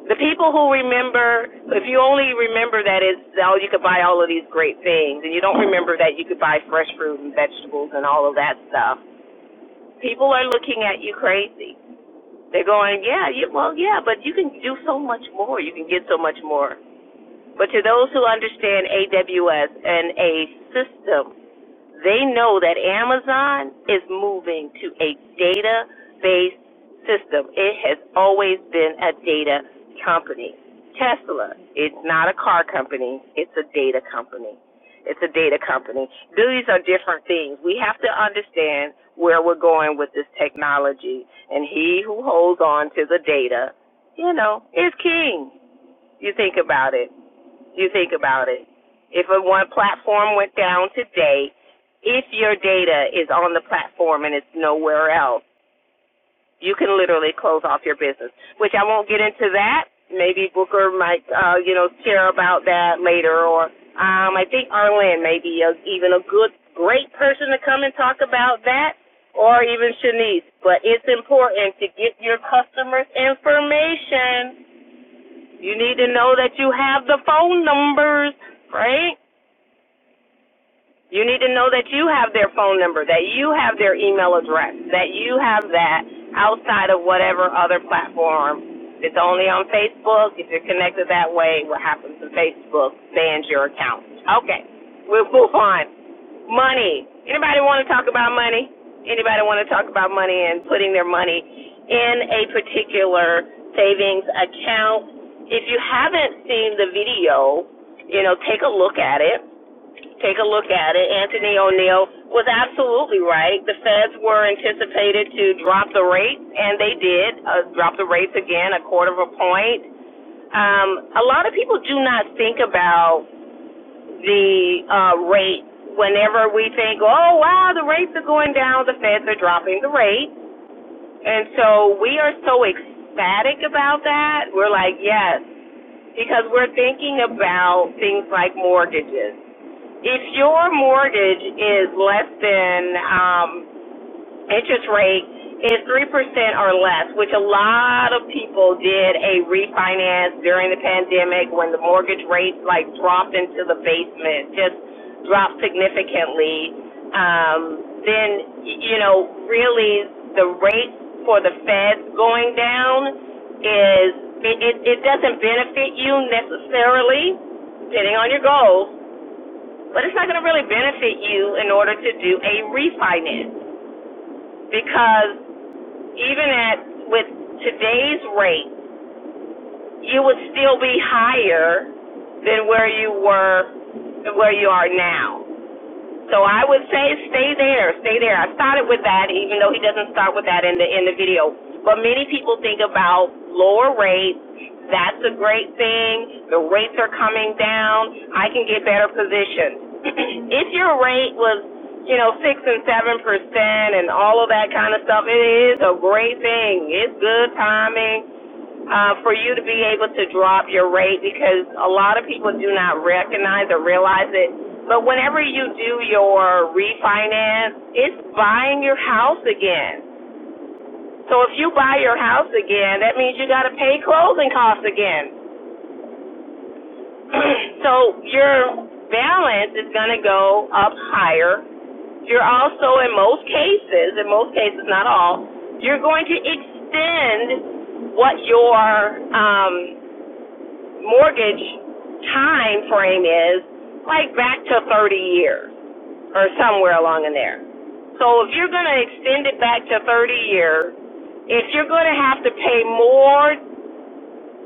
S4: The people who remember, if you only remember that it's, oh, you could buy all of these great things, and you don't remember that you could buy fresh fruit and vegetables and all of that stuff, people are looking at you crazy. They're going, yeah, you, well, yeah, but you can do so much more. You can get so much more. But to those who understand AWS and a system They know that Amazon is moving to a data based system. It has always been a data company. Tesla, it's not a car company, it's a data company. It's a data company. These are different things. We have to understand where we're going with this technology. And he who holds on to the data, you know, is king. You think about it. You think about it. If a one platform went down today, if your data is on the platform and it's nowhere else, you can literally close off your business. Which I won't get into that. Maybe Booker might, uh, you know, share about that later. Or um, I think Arlen may be a, even a good, great person to come and talk about that. Or even Shanice. But it's important to get your customers' information. You need to know that you have the phone numbers, right? You need to know that you have their phone number, that you have their email address, that you have that outside of whatever other platform. If it's only on Facebook. If you're connected that way, what happens to Facebook bans your account. Okay, we'll move on. Money. Anybody want to talk about money? Anybody want to talk about money and putting their money in a particular savings account? If you haven't seen the video, you know, take a look at it take a look at it. Anthony O'Neill was absolutely right. The feds were anticipated to drop the rates, and they did uh, drop the rates again, a quarter of a point. Um, a lot of people do not think about the uh, rate whenever we think, oh, wow, the rates are going down, the feds are dropping the rate. And so we are so ecstatic about that. We're like, yes, because we're thinking about things like mortgages if your mortgage is less than, um, interest rate is three percent or less, which a lot of people did a refinance during the pandemic when the mortgage rates like dropped into the basement, just dropped significantly, um, then, you know, really the rate for the feds going down is, it, it, it doesn't benefit you necessarily, depending on your goals, but it's not going to really benefit you in order to do a refinance because even at with today's rate, you would still be higher than where you were where you are now. So I would say stay there, stay there. I started with that, even though he doesn't start with that in the in the video. But many people think about lower rates. That's a great thing. The rates are coming down. I can get better positions. <clears throat> if your rate was, you know, six and seven percent and all of that kind of stuff, it is a great thing. It's good timing uh, for you to be able to drop your rate because a lot of people do not recognize or realize it. But whenever you do your refinance, it's buying your house again. So if you buy your house again, that means you got to pay closing costs again. <clears throat> so your balance is going to go up higher. You're also, in most cases, in most cases, not all, you're going to extend what your um, mortgage time frame is like back to 30 years or somewhere along in there. So if you're going to extend it back to 30 years, if you're going to have to pay more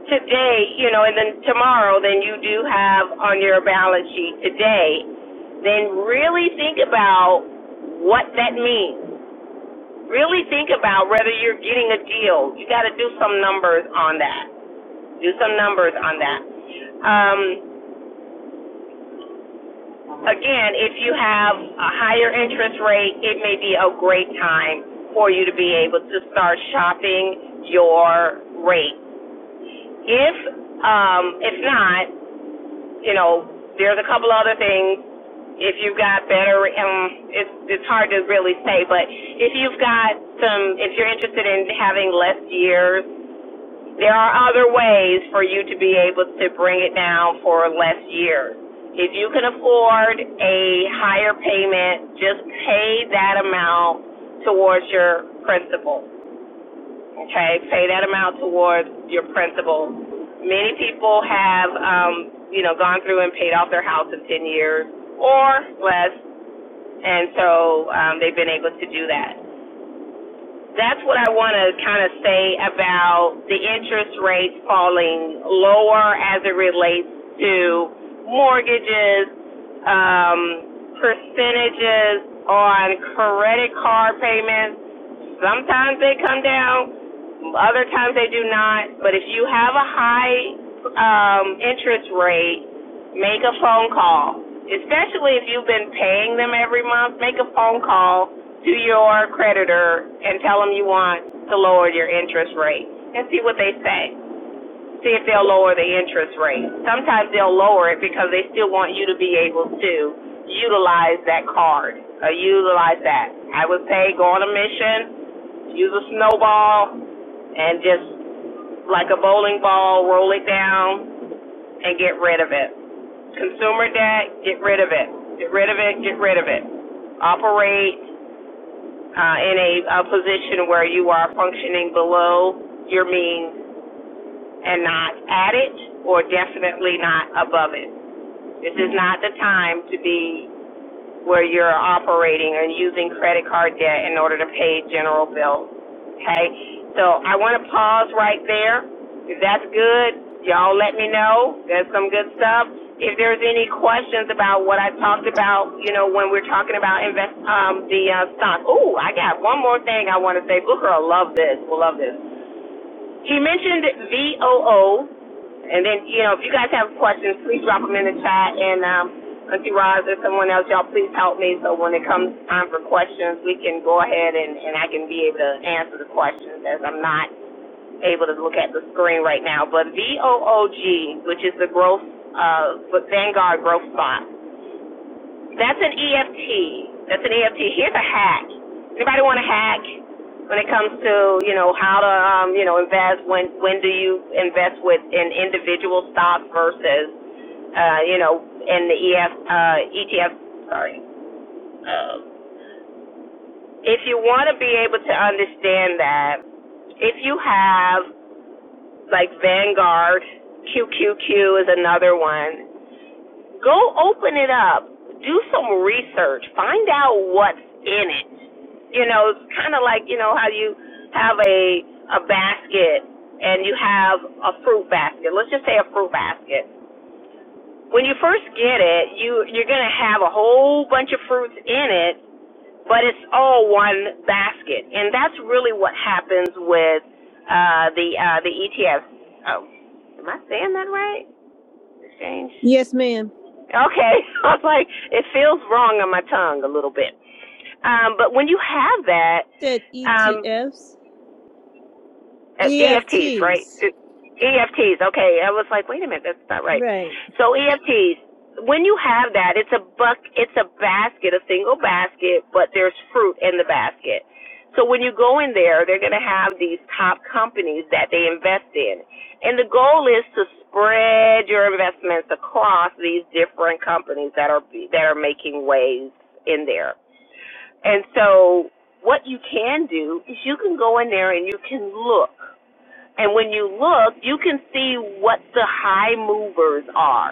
S4: today, you know, and then tomorrow than you do have on your balance sheet today, then really think about what that means. Really think about whether you're getting a deal. You got to do some numbers on that. Do some numbers on that. Um, Again, if you have a higher interest rate, it may be a great time for you to be able to start shopping your rate. If um, if not, you know, there's a couple other things. If you've got better, um, it's it's hard to really say, but if you've got some, if you're interested in having less years there are other ways for you to be able to bring it down for less years. If you can afford a higher payment, just pay that amount towards your principal. Okay, pay that amount towards your principal. Many people have, um, you know, gone through and paid off their house in 10 years or less, and so um, they've been able to do that that's what I want to kind of say about the interest rates falling lower as it relates to mortgages, um, percentages on credit card payments. Sometimes they come down, other times they do not. But if you have a high um, interest rate, make a phone call. Especially if you've been paying them every month, make a phone call to your creditor and tell them you want to lower your interest rate and see what they say. See if they'll lower the interest rate. Sometimes they'll lower it because they still want you to be able to utilize that card or utilize that. I would say go on a mission, use a snowball, and just like a bowling ball, roll it down and get rid of it. Consumer debt, get rid of it. Get rid of it, get rid of it. Operate uh, in a, a position where you are functioning below your means and not at it or definitely not above it. This is not the time to be where you're operating and using credit card debt in order to pay general bills. Okay? So I want to pause right there. If that's good, y'all let me know. There's some good stuff. If there's any questions about what I talked about, you know, when we're talking about invest um the uh, stock. Ooh, I got one more thing I want to say. Booker will love this. we Will love this. He mentioned VOO, and then, you know, if you guys have questions, please drop them in the chat. And um, Auntie Roz or someone else, y'all please help me so when it comes time for questions, we can go ahead and, and I can be able to answer the questions as I'm not able to look at the screen right now. But VOOG, which is the growth, uh, Vanguard Growth Spot, that's an EFT. That's an EFT. Here's a hack. Anybody want a hack when it comes to you know how to um, you know invest? When when do you invest with in individual stocks versus uh, you know in the EF uh, ETF? Sorry. Um, if you want to be able to understand that, if you have like Vanguard, QQQ is another one. Go open it up. Do some research. Find out what's in it you know, it's kind of like you know how you have a a basket and you have a fruit basket. Let's just say a fruit basket. When you first get it, you you're gonna have a whole bunch of fruits in it, but it's all one basket, and that's really what happens with uh, the uh, the ETFs. Oh, am I saying that right? Exchange.
S5: Yes, ma'am.
S4: Okay, <laughs> I was like, it feels wrong on my tongue a little bit. Um, but when you have that,
S5: Said
S4: um,
S5: ETFs,
S4: Uh, EFTs, right?
S5: EFTs.
S4: Uh, EFTs. Okay, I was like, wait a minute, that's not right.
S5: Right.
S4: So EFTs. When you have that, it's a buck. It's a basket, a single basket, but there's fruit in the basket. So when you go in there, they're going to have these top companies that they invest in, and the goal is to spread your investments across these different companies that are that are making waves in there. And so, what you can do is you can go in there and you can look and when you look, you can see what the high movers are.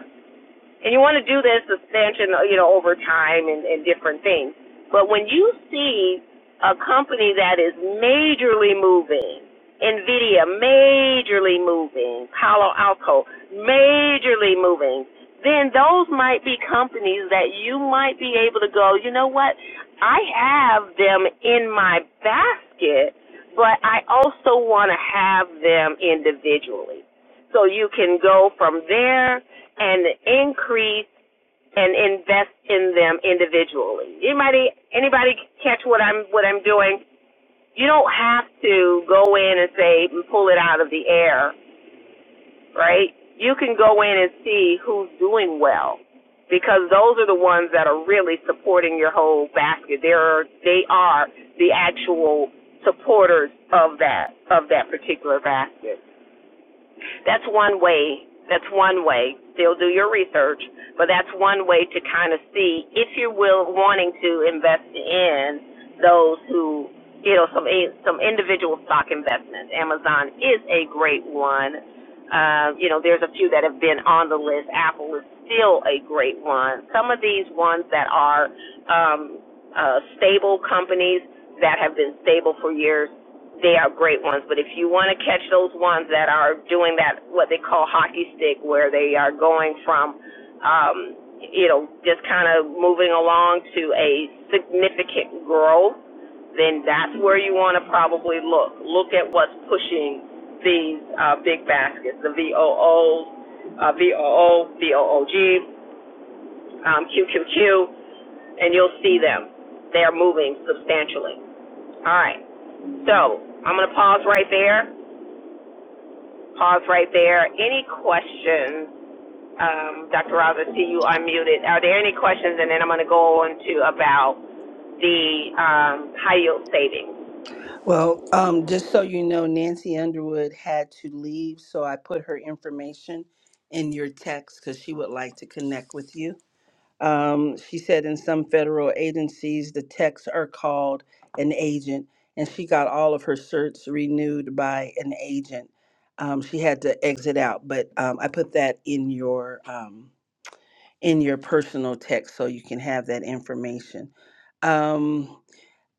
S4: And you want to do this expansion, you know, over time and, and different things. But when you see a company that is majorly moving, Nvidia majorly moving, Palo Alto majorly moving, then those might be companies that you might be able to go, you know what? I have them in my basket, but I also want to have them individually. So you can go from there and increase and invest in them individually. Anybody anybody catch what I'm what I'm doing? You don't have to go in and say and pull it out of the air, right? You can go in and see who's doing well because those are the ones that are really supporting your whole basket. They are they are the actual supporters of that of that particular basket. That's one way. That's one way. Still do your research, but that's one way to kind of see if you're will wanting to invest in those who you know some some individual stock investments. Amazon is a great one. Uh, you know, there's a few that have been on the list. Apple is still a great one. Some of these ones that are um, uh, stable companies that have been stable for years they are great ones, but if you want to catch those ones that are doing that, what they call hockey stick, where they are going from, um, you know, just kind of moving along to a significant growth, then that's where you want to probably look. Look at what's pushing these uh, big baskets, the VOOs, uh, VOO, VOOG, um, QQQ, and you'll see them. They are moving substantially. All right, so I'm going to pause right there. Pause right there. Any questions? Um, Dr. Ross, I see you unmuted. Are there any questions? And then I'm going to go on to about the um, high yield savings.
S1: Well, um, just so you know, Nancy Underwood had to leave, so I put her information in your text because she would like to connect with you. Um, she said in some federal agencies, the techs are called an agent, and she got all of her certs renewed by an agent. Um, she had to exit out, but um, I put that in your um, in your personal text so you can have that information. Um,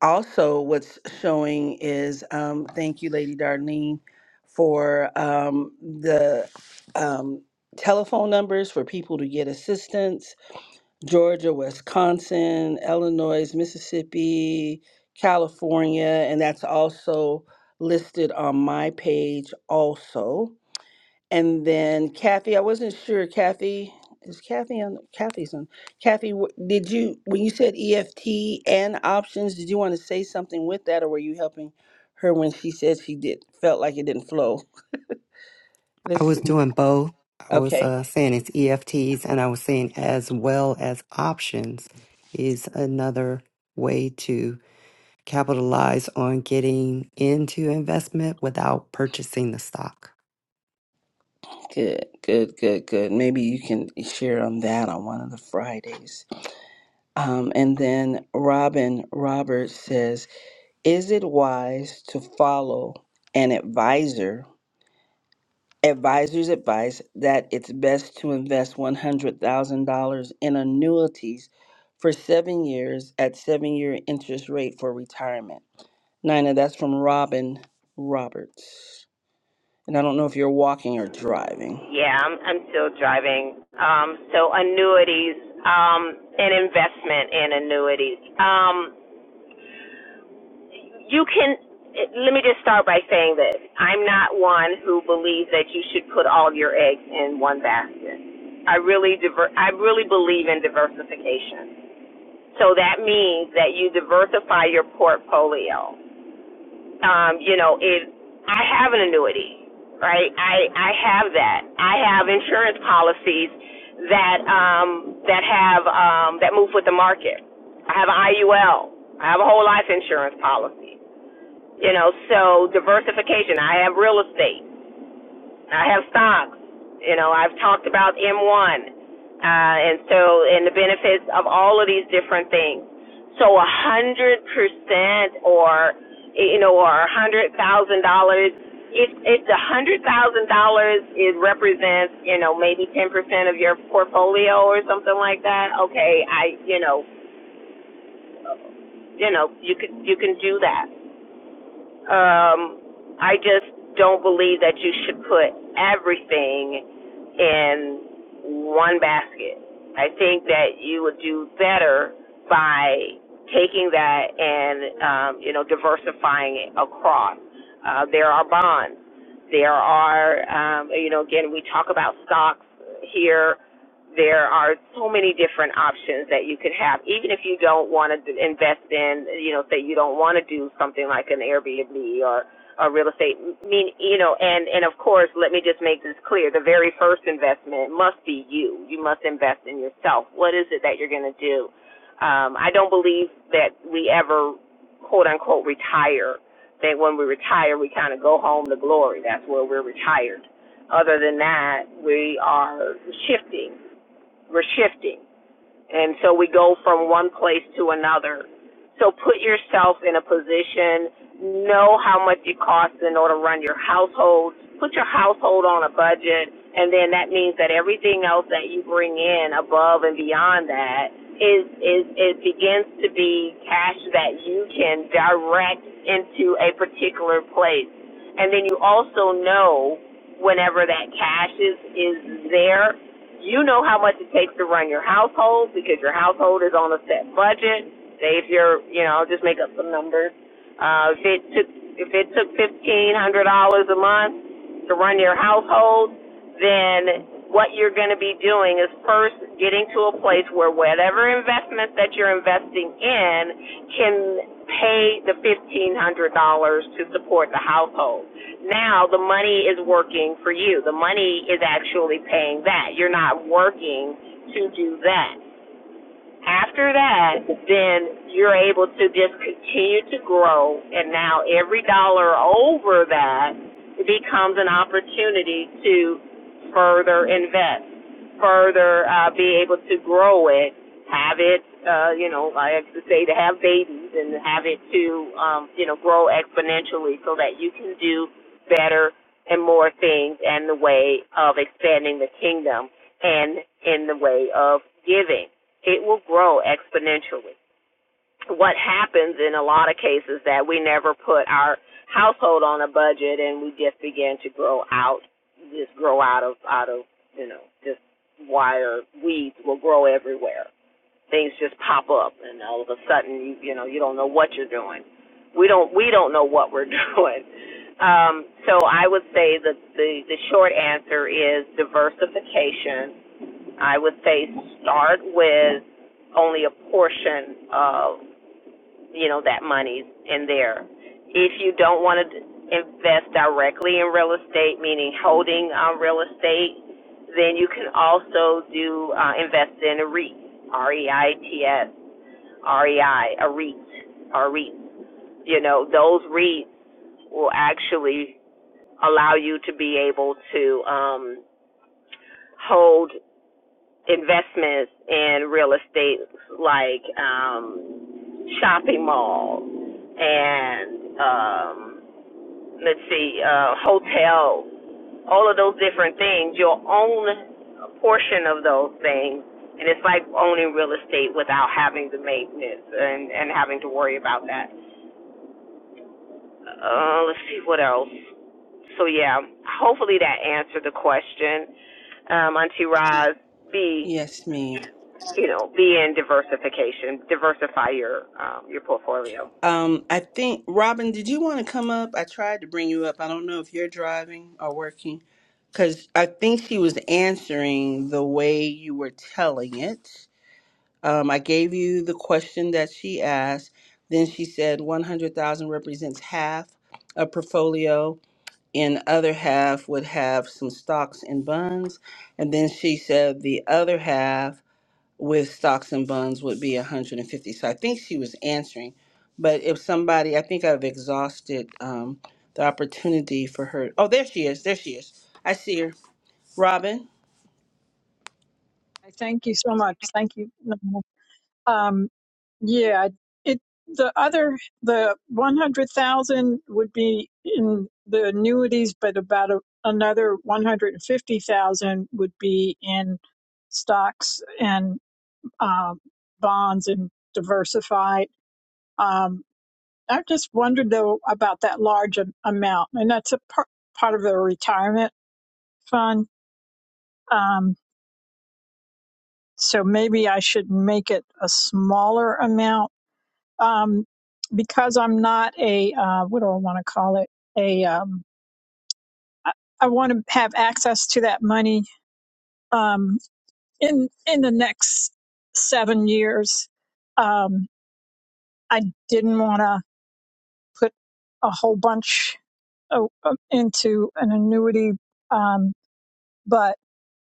S1: also, what's showing is um, thank you, Lady Darlene, for um, the um, telephone numbers for people to get assistance Georgia, Wisconsin, Illinois, Mississippi, California, and that's also listed on my page also. And then Kathy, I wasn't sure. Kathy is Kathy on Kathy's on. Kathy, wh- did you when you said EFT and options, did you want to say something with that, or were you helping her when she said she did felt like it didn't flow?
S6: I
S1: Let's
S6: was
S1: see.
S6: doing both. I was
S1: Okay,
S6: uh, saying it's EFTs, and I was saying as well as options is another way to capitalize on getting into investment without purchasing the stock.
S1: good, good, good, good. Maybe you can share on that on one of the Fridays. Um, and then Robin Roberts says, Is it wise to follow an advisor, advisor's advice that it's best to invest $100,000 in annuities for seven years at seven year interest rate for retirement? Nina, that's from Robin Roberts. And I don't know if you're walking or driving.
S4: Yeah, I'm, I'm still driving. Um, so annuities um, and investment in annuities. Um, you can. Let me just start by saying this. I'm not one who believes that you should put all your eggs in one basket. I really diver- I really believe in diversification. So that means that you diversify your portfolio. Um, you know, it, I have an annuity, right? I, I have that. I have insurance policies that, um, that have, um, that move with the market. I have an IUL. I have a whole life insurance policy. You know, so diversification. I have real estate. I have stocks. You know, I've talked about M1, uh, and so and the benefits of all of these different things. So a hundred percent, or you know, or a hundred thousand dollars. If if the hundred thousand dollars it represents, you know, maybe ten percent of your portfolio or something like that. Okay, I you know, you know, you could you can do that. Um, I just don't believe that you should put everything in one basket. I think that you would do better by taking that and um, you know diversifying it across. Uh, there are bonds. There are um, you know again we talk about stocks here there are so many different options that you could have even if you don't want to invest in you know say you don't want to do something like an airbnb or or real estate I mean you know and and of course let me just make this clear the very first investment must be you you must invest in yourself what is it that you're going to do um i don't believe that we ever quote unquote retire that when we retire we kind of go home to glory that's where we're retired other than that, we are shifting. We're shifting. And so we go from one place to another. So put yourself in a position, know how much it costs in order to run your household, put your household on a budget, and then that means that everything else that you bring in above and beyond that is is it begins to be cash that you can direct into a particular place. And then you also know whenever that cash is is there you know how much it takes to run your household because your household is on a set budget. Say if you're, you know, just make up some numbers. Uh, if it took if it took fifteen hundred dollars a month to run your household, then what you're going to be doing is first getting to a place where whatever investment that you're investing in can pay the fifteen hundred dollars to support the household now the money is working for you. The money is actually paying that. You're not working to do that. After that, then you're able to just continue to grow. And now every dollar over that becomes an opportunity to further invest, further uh, be able to grow it, have it, uh, you know, I have to say to have babies and have it to, um, you know, grow exponentially so that you can do better and more things and the way of expanding the kingdom and in the way of giving it will grow exponentially. What happens in a lot of cases that we never put our household on a budget and we just begin to grow out just grow out of out of, you know, just wire weeds will grow everywhere. Things just pop up and all of a sudden you you know, you don't know what you're doing. We don't we don't know what we're <laughs> doing. Um, so I would say that the, the short answer is diversification I would say start with only a portion of you know that money in there. If you don't want to invest directly in real estate, meaning holding uh, real estate, then you can also do uh, invest in a REIT, R E I T S, R E I, a REIT, a REIT. You know those REITs will actually allow you to be able to um, hold investments in real estate like um shopping malls and um let's see uh hotels all of those different things you'll own a portion of those things and it's like owning real estate without having the maintenance and and having to worry about that uh let's see what else so yeah hopefully that answered the question um auntie Roz B
S1: Yes, ma'am.
S4: you know, be in diversification, diversify your um, your portfolio.
S1: Um, I think Robin, did you want to come up? I tried to bring you up. I don't know if you're driving or working, because I think she was answering the way you were telling it. Um, I gave you the question that she asked. Then she said 100,000 represents half a portfolio, and other half would have some stocks and bonds. And then she said the other half with stocks and bonds would be 150 so i think she was answering but if somebody i think i've exhausted um, the opportunity for her oh there she is there she is i see her robin
S7: I Thank you so much. Thank you. Um, yeah, it the other the one hundred thousand would be in the annuities, but about a, another one hundred and fifty thousand would be in stocks and um, bonds and diversified. Um, I just wondered though about that large am- amount, and that's a par- part of a retirement fund. Um, so maybe I should make it a smaller amount um, because I'm not a uh, what do I want to call it? A um, I, I want to have access to that money um, in in the next seven years. Um, I didn't want to put a whole bunch o- o- into an annuity, um, but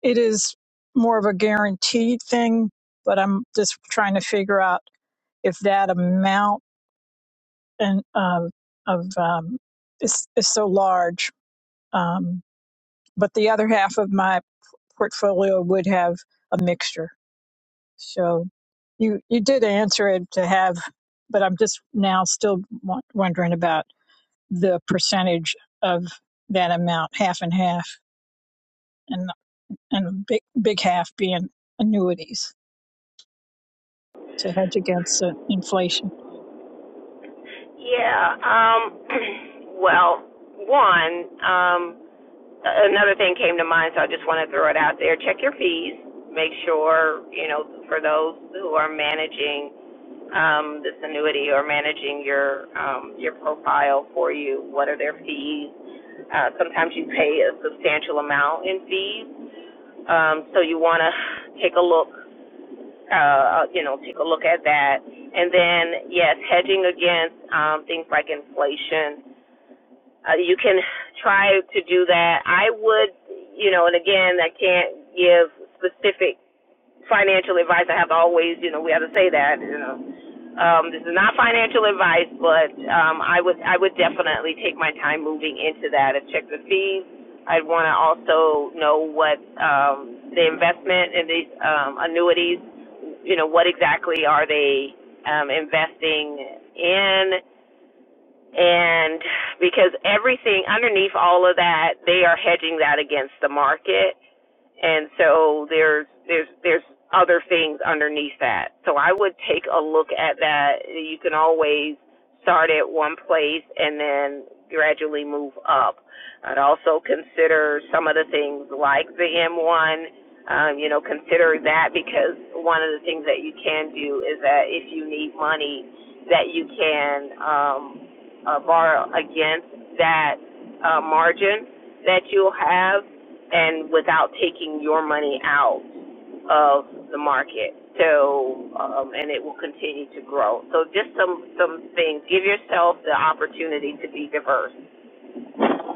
S7: it is more of a guaranteed thing. But I'm just trying to figure out if that amount and um, of um, is, is so large Um, but the other half of my portfolio would have a mixture. So you you did answer it to have, but I'm just now still w- wondering about the percentage of that amount, half and half, and and a big big half being annuities to hedge against uh, inflation.
S4: Yeah. Um, <clears throat> well, one um, another thing came to mind, so I just want to throw it out there. Check your fees. Make sure you know for those who are managing um, this annuity or managing your um, your profile for you, what are their fees? Uh, sometimes you pay a substantial amount in fees, um, so you want to take a look uh, you know, take a look at that. And then, yes, hedging against um, things like inflation. Uh, you can try to do that. I would, you know, and again, I can't give specific financial advice. I have always, you know, we have to say that, you know. Um, this is not financial advice, but um, I would I would definitely take my time moving into that and check the fees. I'd want to also know what um, the investment in these um, annuities you know, what exactly are they um, investing in? And because everything underneath all of that, they are hedging that against the market and so there's there's there's other things underneath that so i would take a look at that you can always start at one place and then gradually move up i'd also consider some of the things like the m1 um, you know consider that because one of the things that you can do is that if you need money that you can um, uh, borrow against that uh, margin that you'll have and without taking your money out of the market. So, um, and it will continue to grow. So just some, some things. Give yourself the opportunity to be diverse.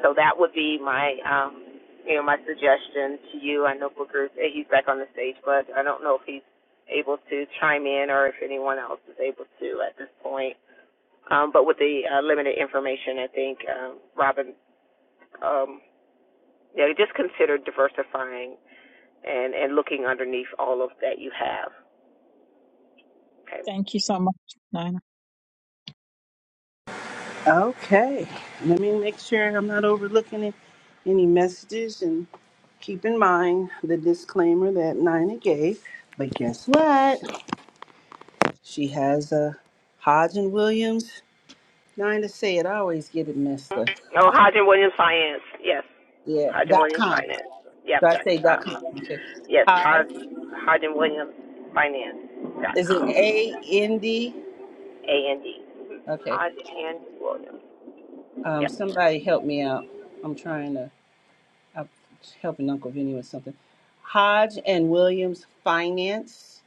S4: So that would be my, um, you know, my suggestion to you. I know Booker, eh, he's back on the stage, but I don't know if he's able to chime in or if anyone else is able to at this point. Um, but with the uh, limited information, I think, um, Robin, um, yeah, just consider diversifying and and looking underneath all of that you have. Okay.
S7: Thank you so much, Nina.
S1: okay let me make sure i'm not overlooking it. any messages and keep in mind the disclaimer that nina gave but guess what she has a hodge and williams nina say it i always get it messed up
S4: Oh, Hodgin Williams Finance. Yes,
S1: yeah
S4: Hodgin
S1: dot
S4: Williams
S1: com
S4: Finance. Yep.
S1: Do I say
S4: That,
S1: dot
S4: um,
S1: com? Okay.
S4: yes,
S1: Oz.
S4: Hod, Hodgin Williams Finance dot
S1: Is it A N
S4: com.
S1: D?
S4: A N D.
S1: Okay.
S4: Hodgin Williams.
S1: Um,
S4: Yep.
S1: somebody help me out. I'm trying to. I'm helping Uncle Vinny with something. Hodge and Williams Finance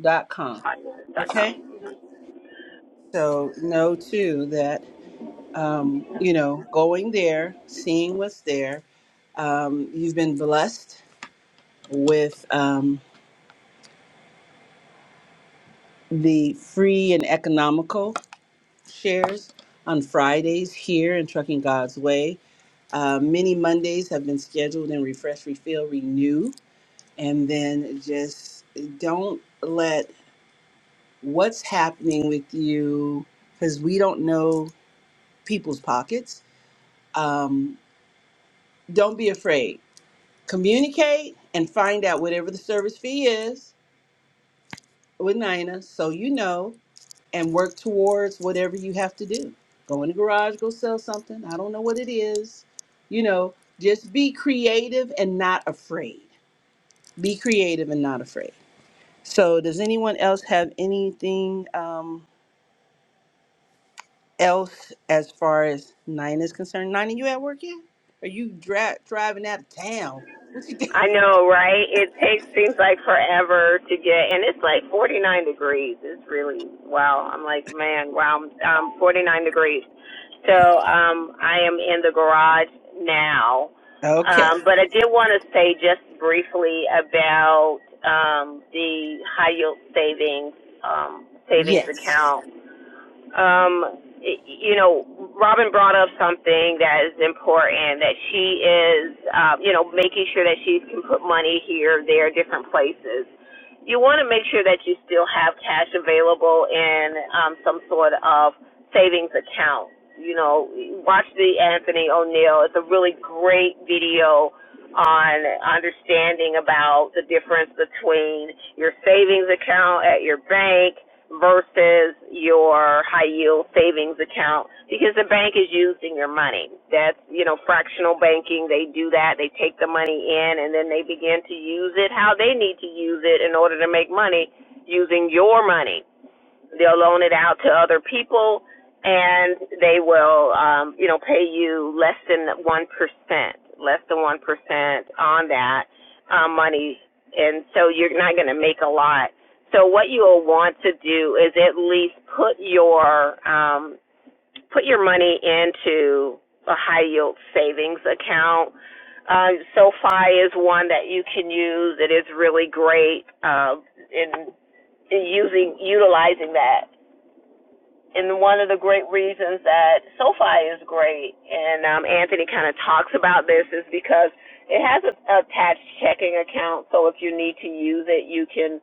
S1: dot com.
S4: Hodgin dot
S1: Okay.
S4: com.
S1: So know too that um, you know going there, seeing what's there. Um, you've been blessed with um, the free and economical. shares on Fridays here in Trucking God's Way. Uh, many Mondays have been scheduled in Refresh, Refill, Renew. And then just don't let what's happening with you, because we don't know people's pockets. Um, don't be afraid. Communicate and find out whatever the service fee is with Nina so you know. and work towards whatever you have to do. Go in the garage, go sell something. I don't know what it is. You know, just be creative and not afraid. Be creative and not afraid. So, does anyone else have anything um, else as far as Nine is concerned? Nine, you at work yet? Are you dra- driving out of town? What you doing? <laughs>
S4: I know, right? It takes seems like forever to get, and it's like 49 degrees. It's really wow. I'm like, man, wow. I'm um, 49 degrees. So um, I am in the garage now.
S1: Okay.
S4: Um, but I did want to say just briefly about um, the high yield savings um, savings
S1: Yes.
S4: account um you know robin brought up something that is important that she is uh you know making sure that she can put money here there different places you want to make sure that you still have cash available in um some sort of savings account you know watch the anthony o'neill it's a really great video on understanding about the difference between your savings account at your bank versus your high yield savings account because the bank is using your money. That's, you know, fractional banking. They do that. They take the money in and then they begin to use it how they need to use it in order to make money using your money. They'll loan it out to other people, and they will, um, you know, pay you less than one percent, less than one percent on that uh, money, and so you're not going to make a lot. So what you will want to do is at least put your um, put your money into a high yield savings account. Uh, SoFi is one that you can use. It is really great uh, in, in using utilizing that and one of the great reasons that SoFi is great, and um, Anthony kind of talks about this, is because it has a attached checking account. So if you need to use it, you can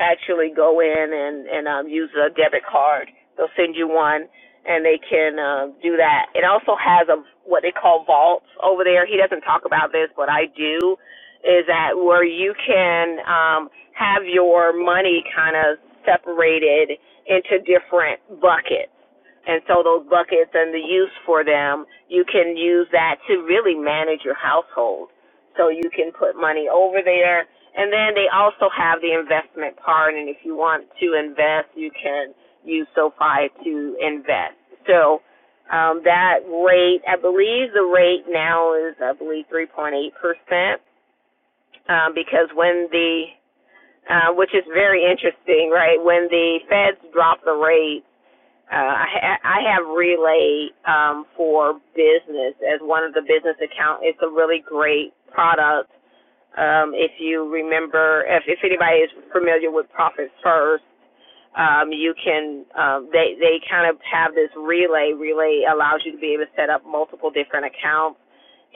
S4: actually go in and and um, use a debit card. They'll send you one, and they can uh, do that. It also has a what they call vaults over there. He doesn't talk about this, but I do. Is that where you can um, have your money kind of separated into different buckets. And so those buckets and the use for them, you can use that to really manage your household. So you can put money over there. And then they also have the investment part. And if you want to invest, you can use SoFi to invest. So um, that rate, I believe the rate now is, I believe, 3.8%. Um, because when the, uh, which is very interesting, right? When the feds drop the rate, uh, I, ha- I have Relay um, for business as one of the business accounts. It's a really great product um, if you remember, if, if anybody is familiar with Profit First, um, you can um, they they kind of have this relay. Relay allows you to be able to set up multiple different accounts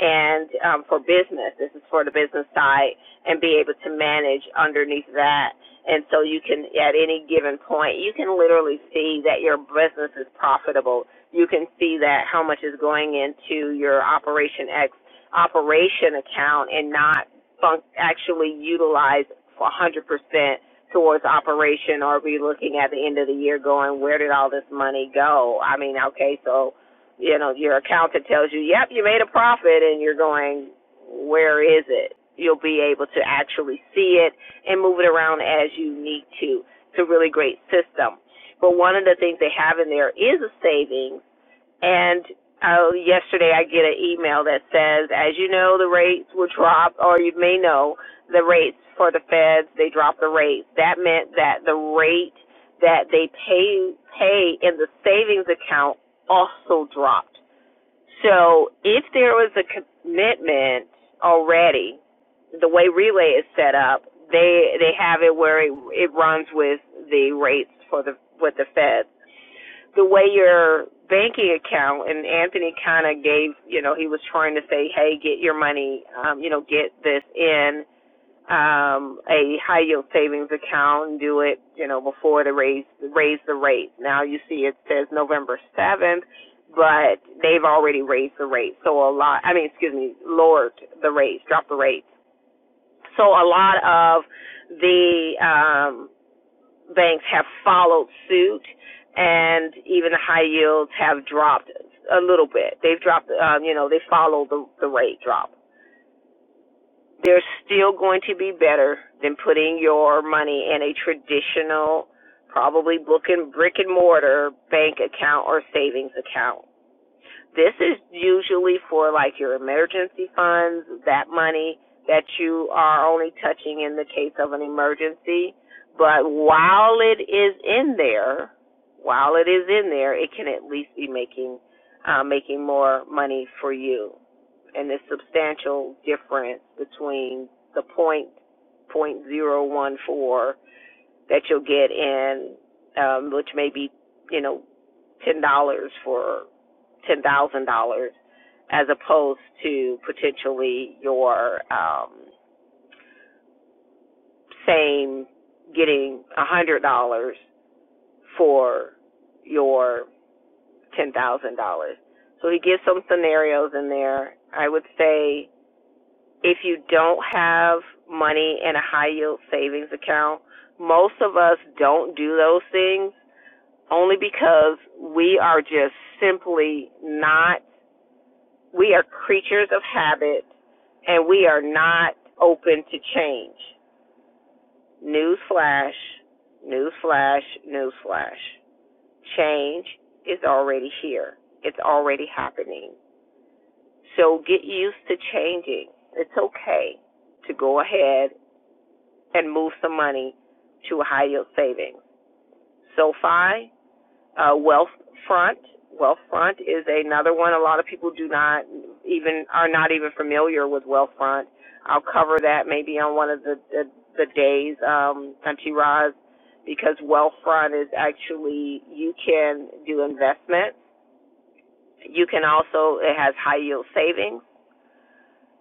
S4: and um, for business. This is for the business side and be able to manage underneath that. And so you can at any given point you can literally see that your business is profitable. You can see that how much is going into your Operation X operation account and not func- actually utilized 100% towards operation? Or are we looking at the end of the year going, where did all this money go? I mean, okay, so, you know, your accountant tells you, yep, you made a profit, and you're going, where is it? You'll be able to actually see it and move it around as you need to. It's a really great system. But one of the things they have in there is a savings and uh, yesterday I get an email that says, as you know, the rates will drop, or you may know the rates for the feds, they dropped the rates. That meant that the rate that they pay pay in the savings account also dropped. So if there was a commitment already, the way Relay is set up, they they have it where it, it runs with the rates for the with the feds the way your banking account and Anthony kind of gave, you know, he was trying to say, hey, get your money, um, you know, get this in um a high yield savings account and do it, you know, before the raise raise the rate. Now you see it says November 7th, but they've already raised the rate. So a lot, I mean, excuse me, lowered the rates, dropped the rates. So a lot of the um banks have followed suit, and even the high yields have dropped a little bit. They've dropped, um, you know, they follow the, the rate drop. They're still going to be better than putting your money in a traditional, probably book and brick and mortar bank account or savings account. This is usually for like your emergency funds, that money that you are only touching in the case of an emergency. But while it is in there, while it is in there, it can at least be making uh, making more money for you. And the substantial difference between the point point zero one four that you'll get in, um, which may be you know ten dollars for ten thousand dollars as opposed to potentially your um same getting a hundred dollars for your ten thousand dollars. So he gives some scenarios in there. I would say if you don't have money in a high yield savings account, most of us don't do those things only because we are just simply not We are creatures of habit and we are not open to change. Newsflash, newsflash, newsflash. Change is already here. It's already happening. So get used to changing. It's okay to go ahead and move some money to a high yield savings. SoFi Uh, Wealthfront. Wealthfront is another one. A lot of people do not even are not even familiar with Wealthfront. I'll cover that maybe on one of the the, the days, um, Country Roz, because Wealthfront is actually you can do investment. You can also it has high yield savings.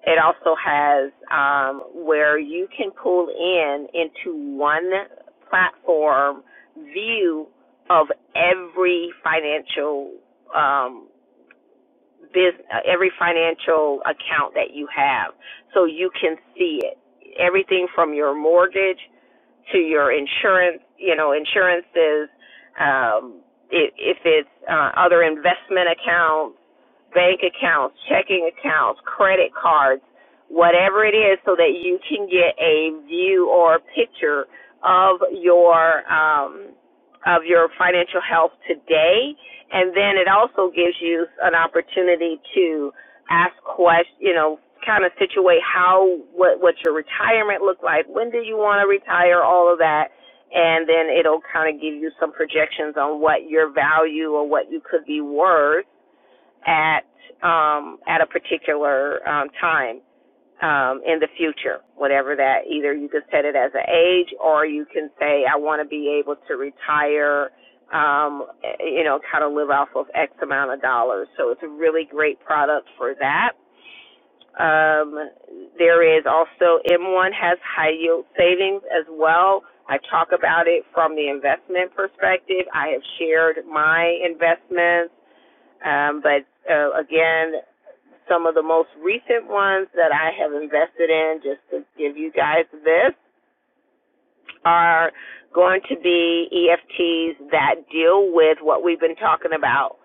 S4: It also has um, where you can pull in into one platform view of every financial um, business, every financial account that you have, so you can see it. Everything from your mortgage to your insurance, you know, insurances. Um, i- if it's uh, other investment accounts bank accounts, checking accounts, credit cards, whatever it is, so that you can get a view or a picture of your um, of your financial health today. And then it also gives you an opportunity to ask questions, you know, kind of situate how what what your retirement look like. When do you want to retire? All of that. And then it'll kind of give you some projections on what your value or what you could be worth at um, at a particular um, time um, in the future, whatever that. Either you could set it as an age, or you can say, I want to be able to retire. Um, you know, kind of live off of X amount of dollars. So it's a really great product for that. Um, there is also M1 has high yield savings as well. I talk about it from the investment perspective. I have shared my investments um, but uh, again, some of the most recent ones that I have invested in, just to give you guys this, are going to be EFTs that deal with what we've been talking about,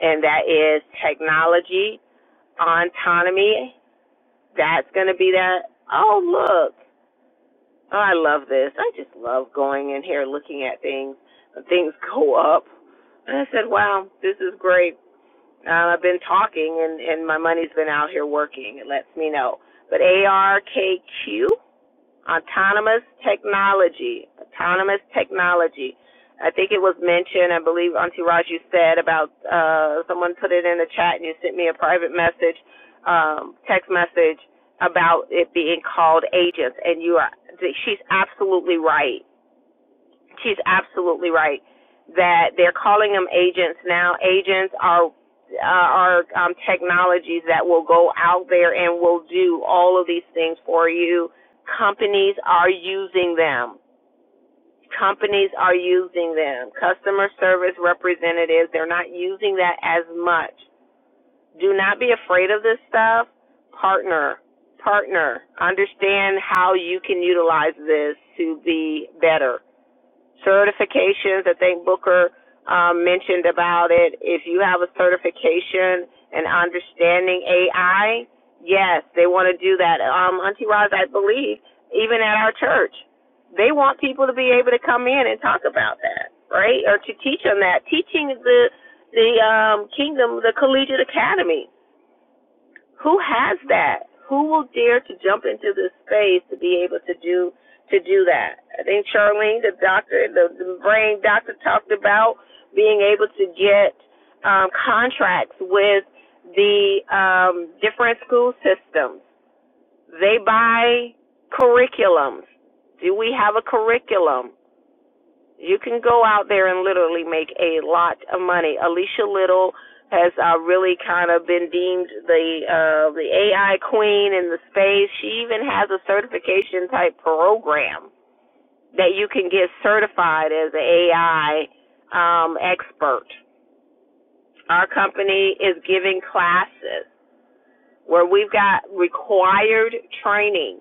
S4: and that is technology, autonomy. That's going to be that. Oh, look. Oh, I love this. I just love going in here looking at things. Things go up. And I said, wow, this is great. Uh, I've been talking, and and my money's been out here working. It lets me know. But ARKQ, autonomous technology, autonomous technology. I think it was mentioned. I believe Auntie Raj, you said about uh, someone put it in the chat, and you sent me a private message, um, text message about it being called agents. And you are, she's absolutely right she's absolutely right that they're calling them agents now. Agents are uh, are um, technologies that will go out there and will do all of these things for you. Companies are using them. Companies are using them. Customer service representatives, they're not using that as much. Do not be afraid of this stuff. Partner, partner. Understand how you can utilize this to be better certifications. I think Booker um, mentioned about it. If you have a certification and understanding AI, yes, they want to do that. Um, Auntie Roz, I believe, even at our church, they want people to be able to come in and talk about that, right? Or to teach them that. Teaching the the um, kingdom, the collegiate academy. Who has that? Who will dare to jump into this space to be able to do to do that? I think Charlene, the doctor, the, the brain doctor, talked about being able to get um, contracts with the um, different school systems. They buy curriculums. Do we have a curriculum? You can go out there and literally make a lot of money. Alicia Little has uh, really kind of been deemed the uh, the AI queen in the space. She even has a certification type program that you can get certified as an AI um, expert. Our company is giving classes where we've got required training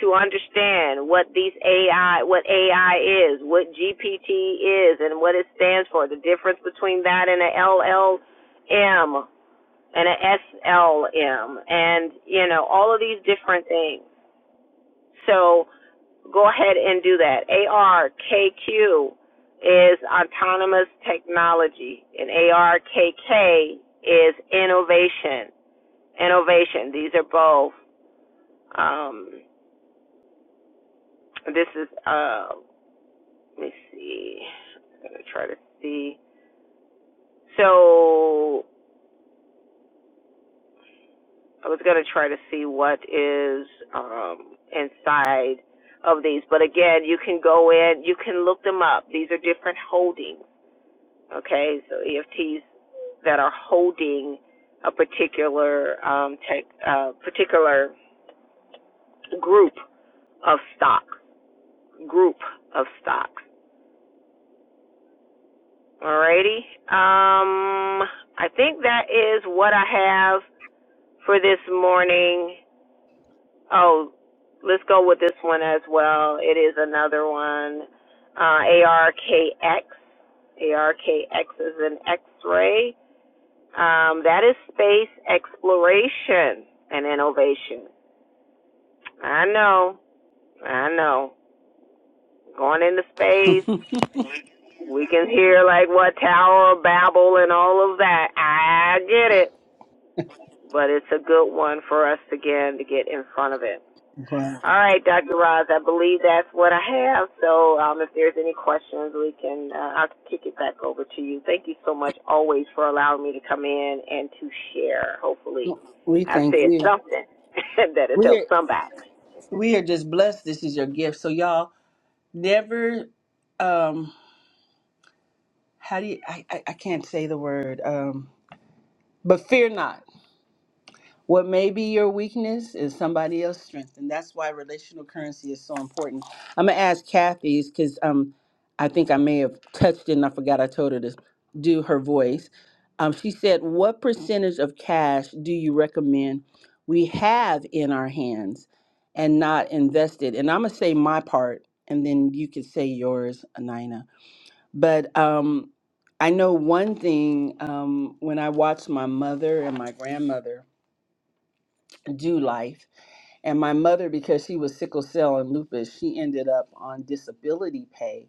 S4: to understand what these AI, what AI is, what GPT is, and what it stands for, the difference between that and an LLM and an SLM, and you know all of these different things. So go ahead and do that. ARKQ is autonomous technology, and ARKK is innovation. Innovation. These are both um, this is uh, let me see. I'm gonna try to see. So I was gonna try to see what is um inside of these, but again, you can go in, you can look them up. These are different holdings. Okay, so EFTs that are holding a particular um tech, uh, particular group of stock, group of stocks. Alrighty. Um, I think that is what I have for this morning. Oh, let's go with this one as well. It is another one. Uh, ARKX. ARKX is an X-ray. Um, that is space exploration and innovation. I know. I know. Going into space, we can hear like what Tower of Babel and all of that. I get it. but it's a good one for us to get to get in front of it.
S1: Well,
S4: All right, Dr. Roz, I believe that's what I have. So um, if there's any questions, we can uh, I'll kick it back over to you. Thank you so much always for allowing me to come in and to share. Hopefully,
S1: we
S4: I've
S1: thank
S4: said
S1: you.
S4: something <laughs> that has
S1: We're
S4: helped somebody.
S1: we are just blessed. This is your gift. So, y'all never. Um, how do you I, I, I can't say the word um but fear not what may be your weakness is somebody else's strength and that's why relational currency is so important i'm gonna ask kathy's because um i think i may have touched it and i forgot i told her to do her voice um she said what percentage of cash do you recommend we have in our hands and not invested and i'm gonna say my part and then you can say yours anina but um, I know one thing um, when I watched my mother and my grandmother do life, and my mother, because she was sickle cell and lupus, she ended up on disability pay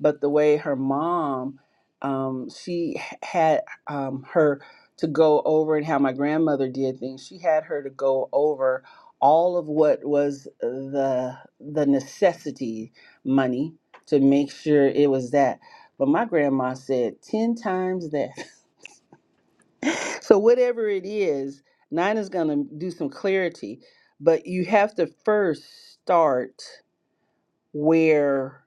S1: but the way her mom um, she h- had um, her to go over and how my grandmother did things she had her to go over all of what was the the necessity money to make sure it was that but my grandma said 10 times that <laughs> so whatever it is nine going to do some clarity but you have to first start where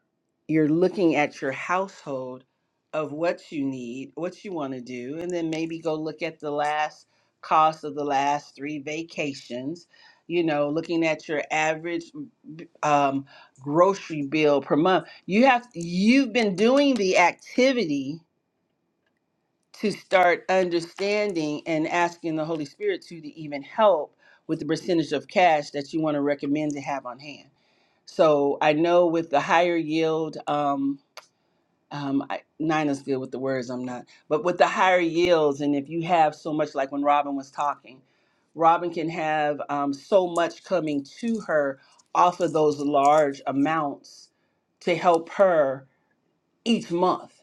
S1: you're looking at your household of what you need, what you want to do, and then maybe go look at the last cost of the last three vacations. You know, looking at your average um, grocery bill per month. You have you've been doing the activity to start understanding and asking the Holy Spirit to, to even help with the percentage of cash that you want to recommend to have on hand so I know with the higher yield, um, um, I, Nina's good with the words, I'm not, but with the higher yields, and if you have so much, like when Robin was talking, Robin can have um, so much coming to her off of those large amounts to help her each month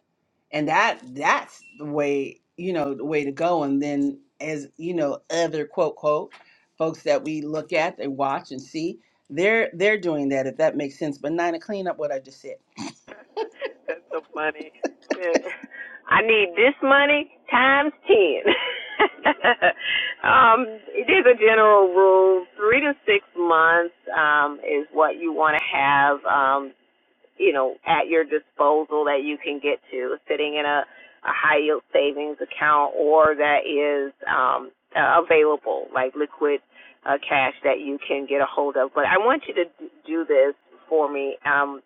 S1: and that that's the way you know the way to go and then as you know other quote quote folks that we look at and watch and see they're they're doing that if that makes sense but nina clean up what i just said
S4: <laughs> That's so funny. <laughs> Shit. I need this money times ten. <laughs> um, it is a general rule. Three to six months um, is what you want to have. Um, you know, at your disposal that you can get to, sitting in a, a high yield savings account or that is um, uh, available, like liquid uh, cash that you can get a hold of. But I want you to do this for me. Um,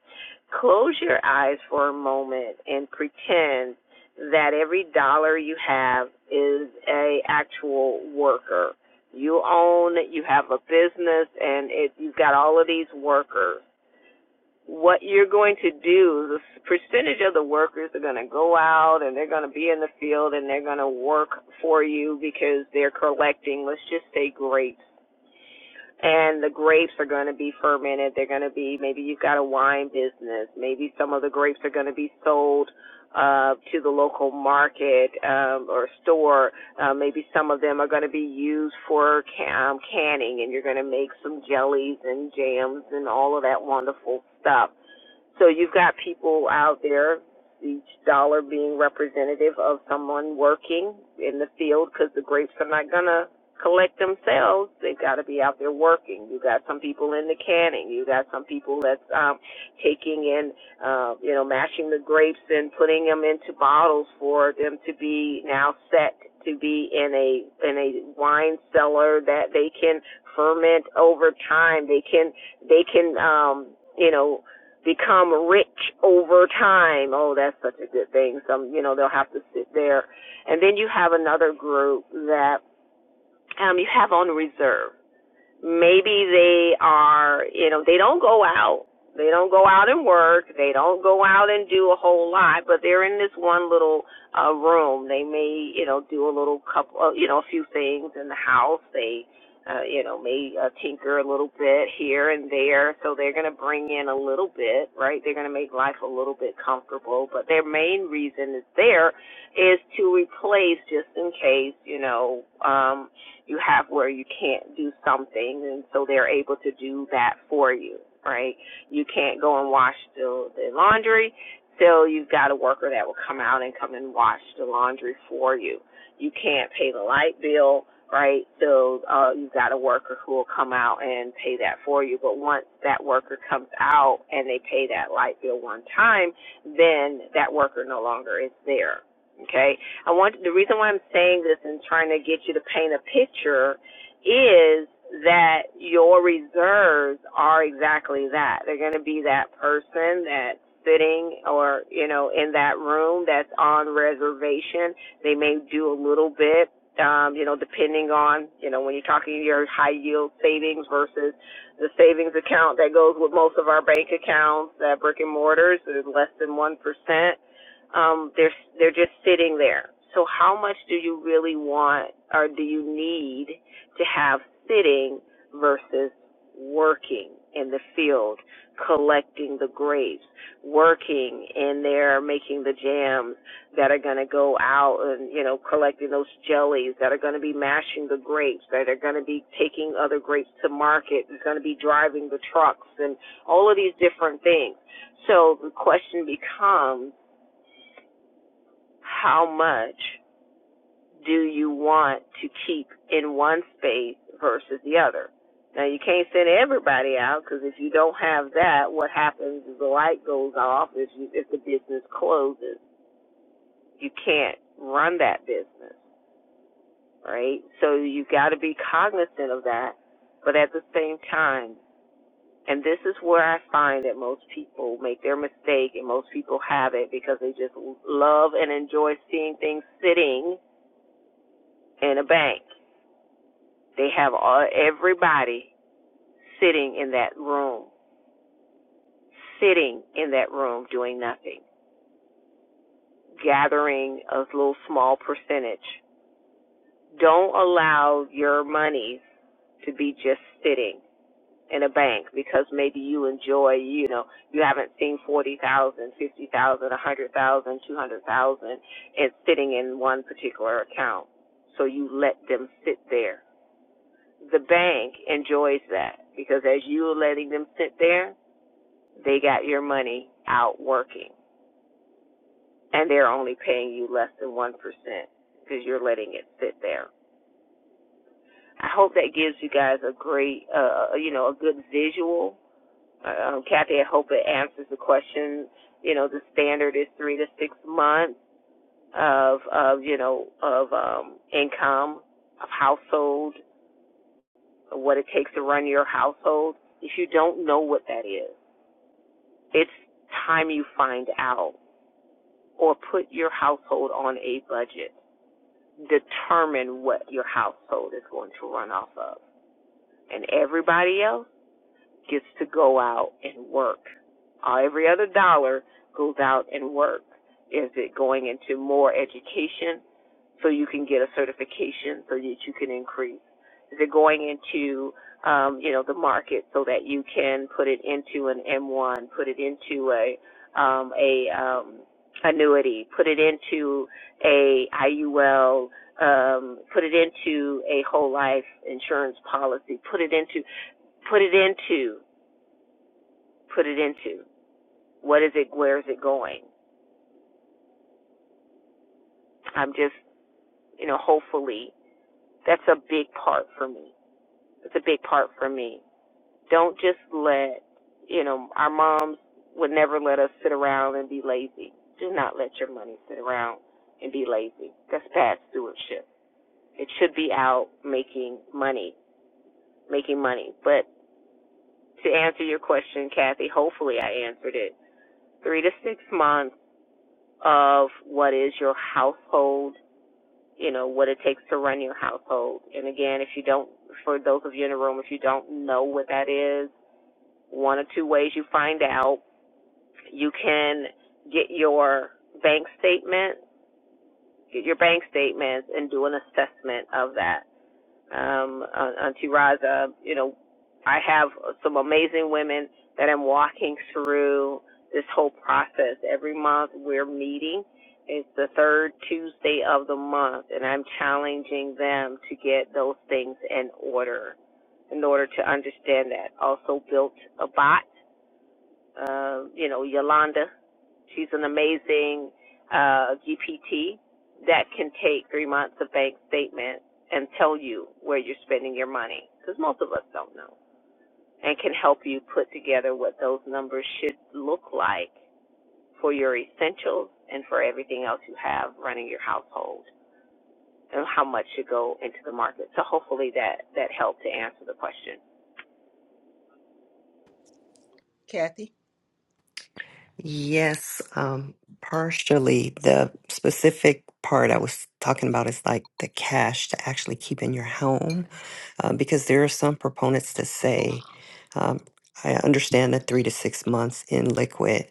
S4: close your eyes for a moment and pretend that every dollar you have is a actual worker. You own, you have a business, and it, you've got all of these workers what you're going to do, the percentage of the workers are going to go out and they're going to be in the field and they're going to work for you because they're collecting, let's just say grapes. And the grapes are going to be fermented. They're going to be, maybe you've got a wine business. Maybe some of the grapes are going to be sold uh, to the local market um, or store. Uh, maybe some of them are going to be used for can- um, canning, and you're going to make some jellies and jams and all of that wonderful stuff. So you've got people out there, each dollar being representative of someone working in the field because the grapes are not going to collect themselves. They've got to be out there working. You got some people in the canning. You got some people that's um, taking in, uh, you know, mashing the grapes and putting them into bottles for them to be now set to be in a in a wine cellar that they can ferment over time. They can they can um, you know become rich over time. Oh, that's such a good thing. Some, you know, they'll have to sit there. And then you have another group that um, you have on reserve maybe they are, you know, they don't go out. They don't go out and work. They don't go out and do a whole lot, but they're in this one little uh room. They may, you know, do a little couple, uh, you know, a few things in the house. They, uh, you know, may uh, tinker a little bit here and there. So they're going to bring in a little bit, right? They're going to make life a little bit comfortable, but their main reason is there is to replace just in case, you know, um you have where you can't do something and so they're able to do that for you, right? You can't go and wash the, the laundry, so you've got a worker that will come out and come and wash the laundry for you. You can't pay the light bill, right? So uh, you've got a worker who will come out and pay that for you. But once that worker comes out and they pay that light bill one time, then that worker no longer is there. Okay, I want the reason why I'm saying this and trying to get you to paint a picture is that your reserves are exactly that. They're going to be that person that's sitting or, you know, in that room that's on reservation. They may do a little bit, um, you know, depending on, you know, when you're talking your high yield savings versus the savings account that goes with most of our bank accounts, that brick and mortars is less than 1% um, they're they're just sitting there. So how much do you really want or do you need to have sitting versus working in the field, collecting the grapes, working in there making the jams that are going to go out and, you know, collecting those jellies that are going to be mashing the grapes, that are going to be taking other grapes to market, is going to be driving the trucks and all of these different things. So the question becomes, how much do you want to keep in one space versus the other? Now you can't send everybody out because if you don't have that, what happens is the light goes off if you, if the business closes. You can't run that business, right? So you got to be cognizant of that, but at the same time, and this is where I find that most people make their mistake and most people have it because they just love and enjoy seeing things sitting in a bank They have all everybody sitting in that room, sitting in that room doing nothing, gathering a little small percentage. Don't allow your money to be just sitting in a bank because maybe you enjoy, you know, you haven't seen forty thousand, fifty thousand, a hundred thousand, two hundred thousand, and sitting in one particular account. So you let them sit there. The bank enjoys that because as you're letting them sit there, they got your money out working and they're only paying you less than 1% because you're letting it sit there. I hope that gives you guys a great, uh, you know, a good visual. Um, Kathy, I hope it answers the question. You know, the standard is three to six months of, of you know, of um, income, of household, what it takes to run your household. If you don't know what that is, it's time you find out or put your household on a budget. Determine what your household is going to run off of. And everybody else, gets to go out and work. Uh, every other dollar goes out and work. Is it going into more education so you can get a certification so that you can increase? Is it going into um, you know the market so that you can put it into an M1, put it into a um, a um, annuity, put it into a IUL, um, put it into a whole life insurance policy, put it into put it into put it into? What is it? Where is it going? I'm just, you know, hopefully that's a big part for me. It's a big part for me. Don't just let, you know, our moms would never let us sit around and be lazy. Do not let your money sit around and be lazy. That's bad stewardship. It should be out making money, making money. But to answer your question, Kathy, hopefully I answered it. Three to six months of what is your household you know, what it takes to run your household. And again, if you don't, for those of you in the room, if you don't know what that is, one or two ways you find out, you can get your bank statement, get your bank statements and do an assessment of that um, uh, Auntie Raza, you know, I have some amazing women that I'm walking through this whole process. Every month we're meeting. It's the third Tuesday of the month, and I'm challenging them to get those things in order in order to understand that. Also built a bot, uh, you know, Yolanda She's an amazing uh, GPT that can take three months of bank statement and tell you where you're spending your money because most of us don't know and can help you put together what those numbers should look like for your essentials and for everything else you have running your household and how much should go into the market. So hopefully that, that helped to answer the question.
S1: kathy
S6: Yes, um, partially. The specific part I was talking about is like the cash to actually keep in your home, uh, because there are some proponents that say, um, I understand the three to six months in liquid.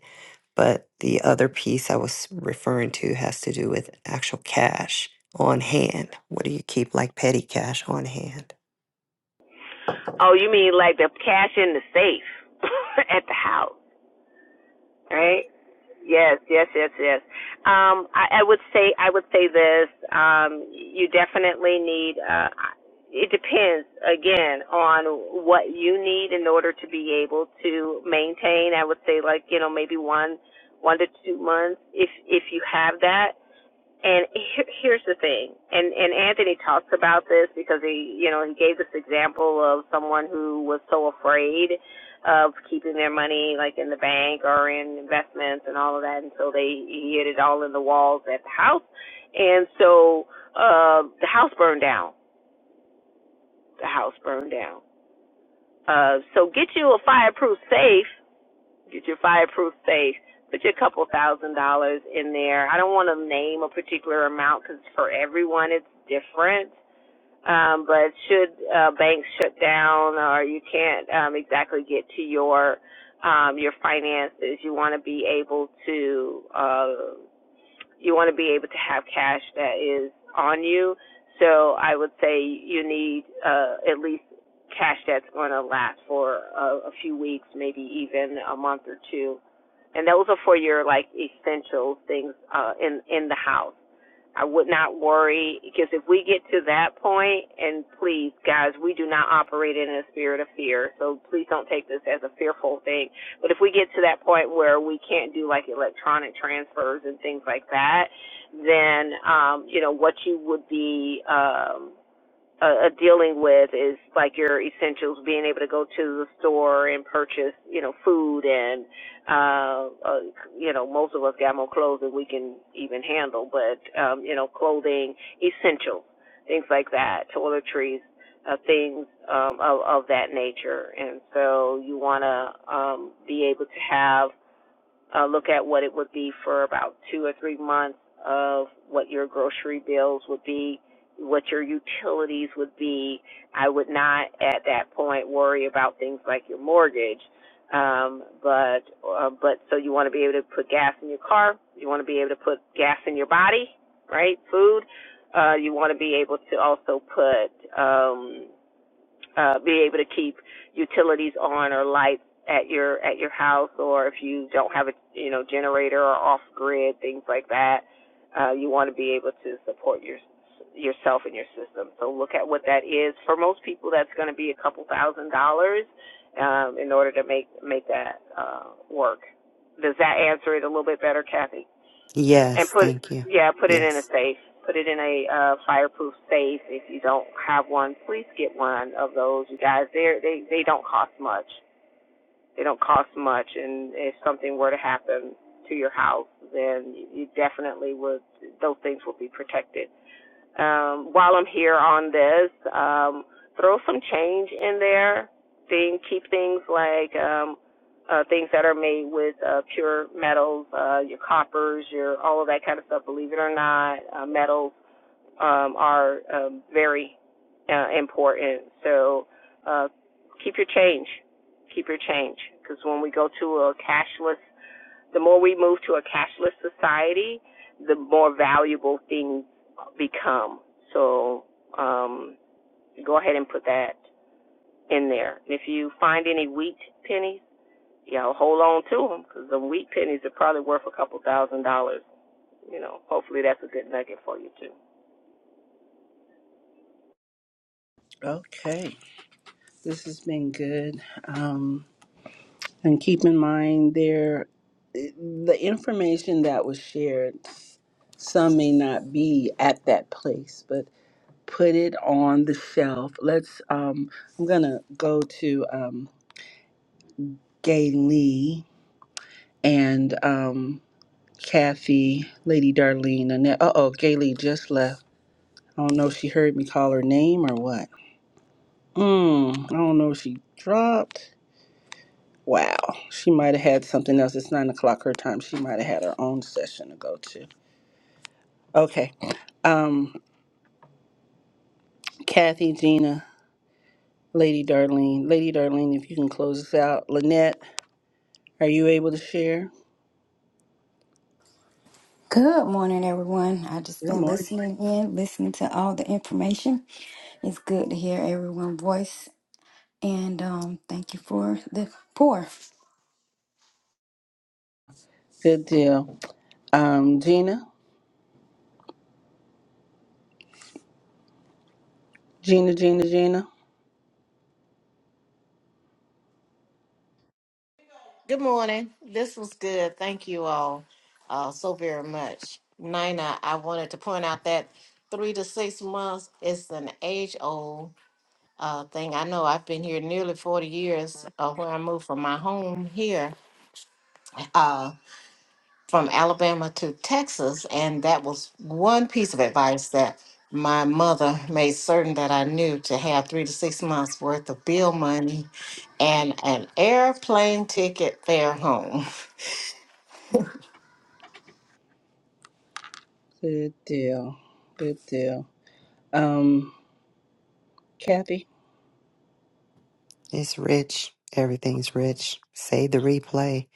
S6: But the other piece I was referring to has to do with actual cash on hand. What do you keep like petty cash on hand?
S4: Oh, you mean like the cash in the safe <laughs> at the house, right? Yes, yes, yes, yes. Um, I, I would say I would say this. Um, you definitely need. Uh, it depends again on what you need in order to be able to maintain. I would say like you know maybe one one to two months if if you have that. And here's the thing, and and Anthony talks about this because he, you know, he gave this example of someone who was so afraid of keeping their money like in the bank or in investments and all of that, and so they he hid it all in the walls at the house, and so uh, the house burned down. The house burned down. Uh, so get you a fireproof safe get your fireproof safe, put your couple thousand dollars in there. I don't want to name a particular amount because for everyone it's different. Um, but should uh, banks shut down or you can't um, exactly get to your um, your finances, you want to be able to uh, you want to be able to have cash that is on you. So I would say you need uh, at least cash that's going to last for a, a few weeks, maybe even a month or two. And those are for your like essential things uh, in in the house. I would not worry because if we get to that point, and please, guys, we do not operate in a spirit of fear, so please don't take this as a fearful thing. But if we get to that point where we can't do like electronic transfers and things like that, then um, you know what you would be um, uh, uh, dealing with is like your essentials, being able to go to the store and purchase, you know, food and, uh, uh, you know, most of us got more clothes than we can even handle, but, um, you know, clothing, essentials, things like that, toiletries, uh, things um, of, of that nature. And so you want to um, be able to have uh, look at what it would be for about two or three months of what your grocery bills would be, what your utilities would be. I would not at that point worry about things like your mortgage. Um, but uh, but so you want to be able to put gas in your car, you want to be able to put gas in your body, right? Food. Uh, you want to be able to also put um, uh, be able to keep utilities on or lights at your at your house, or if you don't have a you know generator or off grid things like that, uh, you want to be able to support your yourself and your system. So look at what that is. For most people, that's going to be a couple thousand dollars um, in order to make make that uh, work. Does that answer it a little bit better, Kathy? and
S6: Yes,
S4: put
S6: thank you.
S4: yeah put it in a
S6: Yes.
S4: safe put it in a uh fireproof safe if you don't have one please get one of those you guys they they they don't cost much they don't cost much and if something were to happen to your house then you definitely would those things will be protected um, while I'm here on this, um, throw some change in there. Thing, keep things like um, uh, things that are made with uh, pure metals, uh, your coppers, your all of that kind of stuff. Believe it or not, uh, metals um, are um, very uh, important. So uh, keep your change, keep your change, because when we go to a cashless the more we move to a cashless society, the more valuable things become. So um, go ahead and put that in there. if you find any wheat pennies, you know, hold on to them because the wheat pennies are probably worth a couple thousand dollars. You know, hopefully that's a good nugget for you too.
S1: okay this has been good um and keep in mind there the information that was shared some may not be at that place but put it on the shelf let's um i'm gonna go to um Gay Lee and um, Kathy, Lady Darlene, Annette. Uh oh, Gay Lee just left. I don't know if she heard me call her name or what. Mm, I don't know if she dropped. Wow, she might have had something else. It's nine o'clock her time. She might have had her own session to go to. Okay. Um, Kathy, Gina, Lady Darlene. Lady Darlene, if you can close us out. Lynette, are you able to share?
S8: Good morning, everyone. I just
S1: Good
S8: been
S1: morning.
S8: listening in, listening to all the information. It's good to hear everyone's voice, and um, thank you for the pour.
S1: Good deal. Um, Gina, Gina, Gina, Gina.
S9: Good morning. This was good. Thank you all uh, so very much. Nina, I wanted to point out that three to six months is an age old uh, thing. I know I've been here nearly 40 years uh, where I moved from my home here uh, from Alabama to Texas. And that was one piece of advice that my mother made certain that I knew to have three to six months worth of bill money and an airplane ticket fare home. <laughs>
S1: Good deal. Good deal. Um, Kathy.
S6: It's rich. Everything's rich. Save the replay,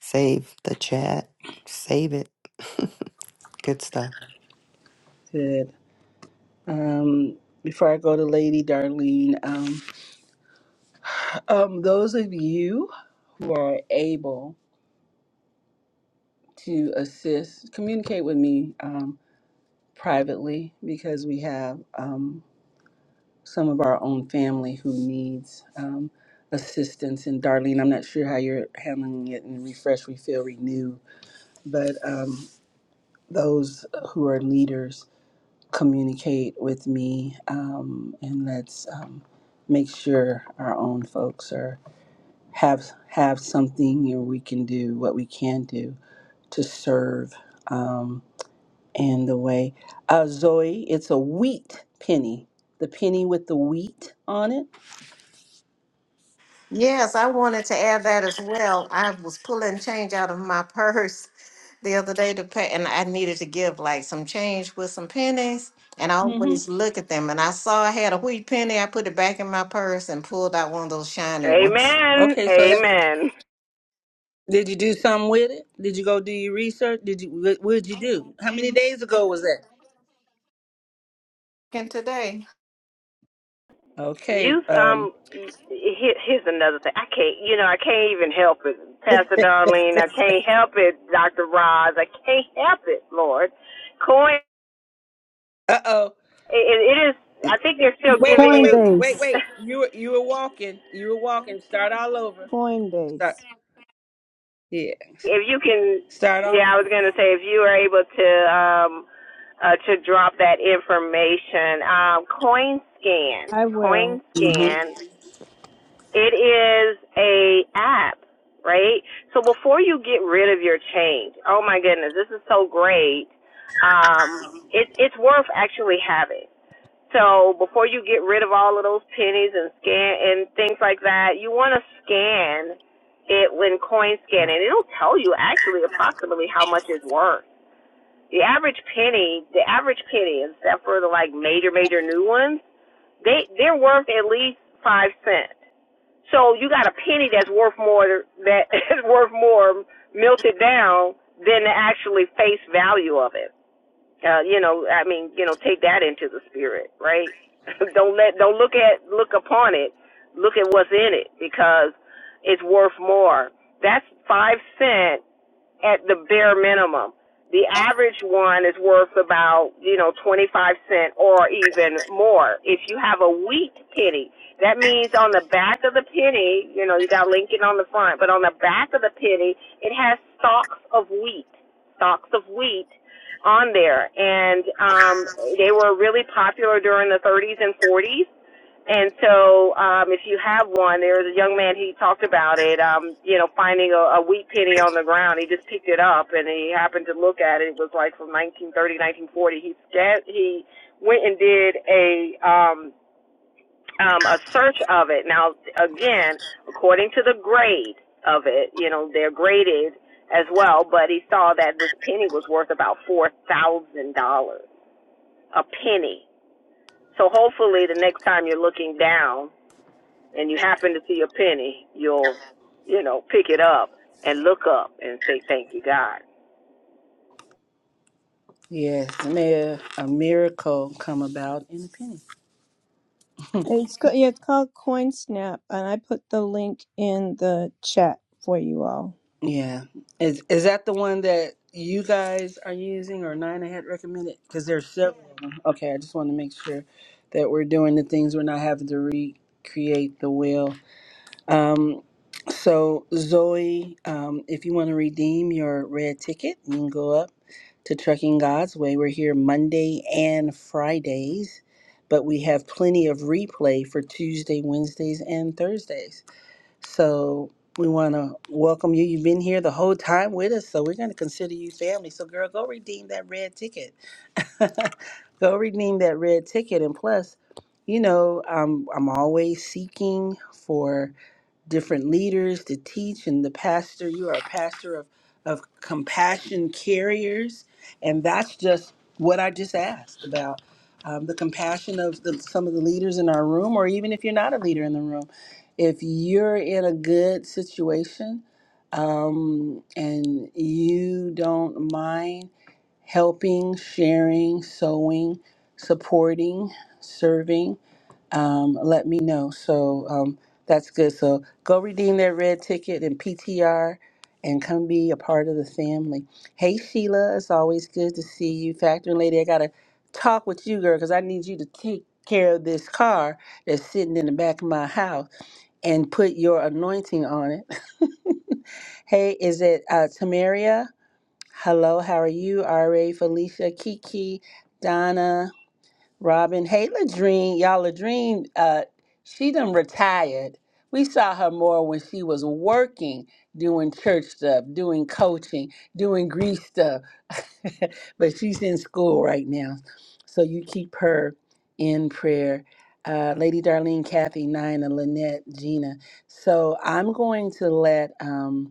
S6: save the chat, save it. <laughs> Good stuff.
S1: Good. Um, before I go to Lady Darlene, um, um, those of you who are able to assist, communicate with me um, privately because we have um, some of our own family who needs um, assistance. And Darlene, I'm not sure how you're handling it in refresh, refill, renew, but um, those who are leaders communicate with me um, and let's um, make sure our own folks are have have something and we can do what we can do to serve um, in the way uh, zoe it's a wheat penny the penny with the wheat on it
S9: Yes, I wanted to add that as well. I was pulling change out of my <laughs> purse the other day to pay, and I needed to give like some change with some pennies. And I Mhm.
S1: mm hmm
S9: always look at them, and I saw I had a wheat penny. I put it back in my purse and pulled out one of those shiny ones.
S4: Amen.
S1: okay so have,
S4: Amen.
S1: did you do something with it did you go do your research did you what what did you do how many days ago was that
S9: And today.
S1: okay
S4: Youth,
S1: um
S4: um, here, here's another thing. I can't, you know, I can't even help it, Pastor Darlene. I can't help it, Doctor Roz. I can't help it, Lord. Coin,
S1: uh-oh
S4: it, it is. I think they're still
S1: Wait, wait,
S4: giving
S1: wait,
S4: you.
S1: wait, wait,
S5: Coinbase.
S4: <laughs>
S1: wait. You were you were walking. You were walking. Start all over. Start.
S5: Coinbase.
S1: Yeah.
S4: If you can,
S1: Start all.
S4: yeah, I was gonna say if you are able to, um, uh, to drop that information, um, coin scan,
S5: I will.
S4: coin
S1: hmm
S4: scan It is a app, right? So before you get rid of your change, oh my goodness, this is so great. Um, it, it's worth actually having. So before you get rid of all of those pennies and scan and things like that, you want to scan it when coin scanning. It'll tell you actually approximately how much it's worth. The average penny, the average penny, except for the like major, major new ones, they they're worth at least five cents. So you got a penny that's worth more that <laughs> is worth more melted down than the actually face value of it. Uh, you know, I mean, you know, take that into the spirit, right? <laughs> don't let don't look at look upon it. Look at what's in it because it's worth more. That's five cent at the bare minimum. The average one is worth about, you know, 25 cent or even more. If you have a weak penny, that means on the back of the penny, you know, you got Lincoln on the front, but on the back of the penny, it has stalks of wheat, stalks of wheat on there. And um, they were really popular during the 30s and 40s and so, um, if you have one, there was a young man, he talked about it, um, you know, finding a, a wheat penny on the ground. He just picked it up and he happened to look at it. It was like from 1930, 1940. He, he went and did a, um, um, a search of it. Now, again, according to the grade of it, you know, they're graded as well, but he saw that this penny was worth about $4,000 a penny. So hopefully the next time you're looking down, and you happen to see a penny, you'll, you know, pick it up and look up and say, thank you, God.
S1: Yes. May a miracle come about in a penny.
S5: It's co- yeah, it's called CoinSnap, and I put the link in the chat for you all.
S1: Yeah. Is is that the one that you guys are using or Nina had recommended? Because there's several of them. Okay, I just want to make sure that we're doing the things we're not having to recreate the wheel. Um, So, Zoe, um, if you want to redeem your red ticket, you can go up to Trucking God's Way. We're here Monday and Fridays, but we have plenty of replay for Tuesday, Wednesdays, and Thursdays. So we want to welcome you. You've been here the whole time with us, so we're going to consider you family. So, girl, go redeem that red ticket. <laughs> go redeem that red ticket. And plus, you know, I'm I'm always seeking for different leaders to teach and the pastor you are a pastor of of compassion carriers and that's just what i just asked about um, the compassion of the, some of the leaders in our room or even if you're not a leader in the room if you're in a good situation um, and you don't mind helping, sharing, sewing, supporting, serving, um, let me know. So um, that's good. So go redeem that red ticket and PTR and come be a part of the family. Hey, Sheila, it's always good to see you. Factoring lady, I got to talk with you, girl, because I need you to take care of this car that's sitting in the back of my house and put your anointing on it. <laughs> hey, is it uh, Tamaria? Hello, how are you? RA, Felicia, Kiki, Donna. Robin. Hey, Ladrine. Y'all, Ladrine, uh, she done retired. We saw her more when she was working, doing church stuff, doing coaching, doing grief stuff. <laughs> but she's in school right now. So you keep her in prayer. Uh, Lady Darlene, Kathy, Nina, Lynette, Gina. So I'm going to let. Um,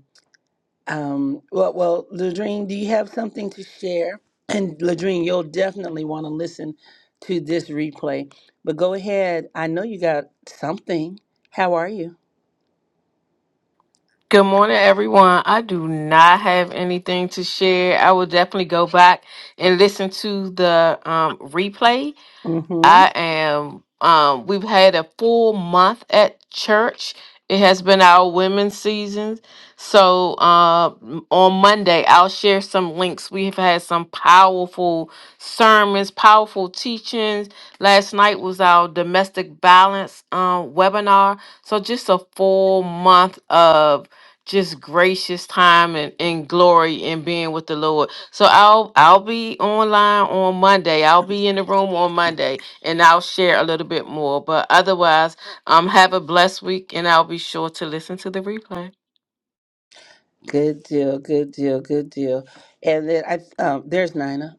S1: um, well, well, Ladrine, do you have something to share? <clears throat> And Ladrine, you'll definitely want to listen to this replay. But go ahead. I know you got something. How are you?
S10: Good morning, everyone. I do not have anything to share. I will definitely go back and listen to the um, replay.
S1: Mm-hmm.
S10: I am. Um, we've had a full month at church. It has been our women's season. So uh, m- on Monday, I'll share some links. We've had some powerful sermons, powerful teachings. Last night was our domestic violence um, webinar. So just a full month of just gracious time and, and glory and being with the Lord. So I'll I'll be online on Monday. I'll be in the room on Monday and I'll share a little bit more. But otherwise, um, have a blessed week, and I'll be sure to listen to the replay.
S1: Good deal. Good deal. Good deal. And then I, um, there's Nina.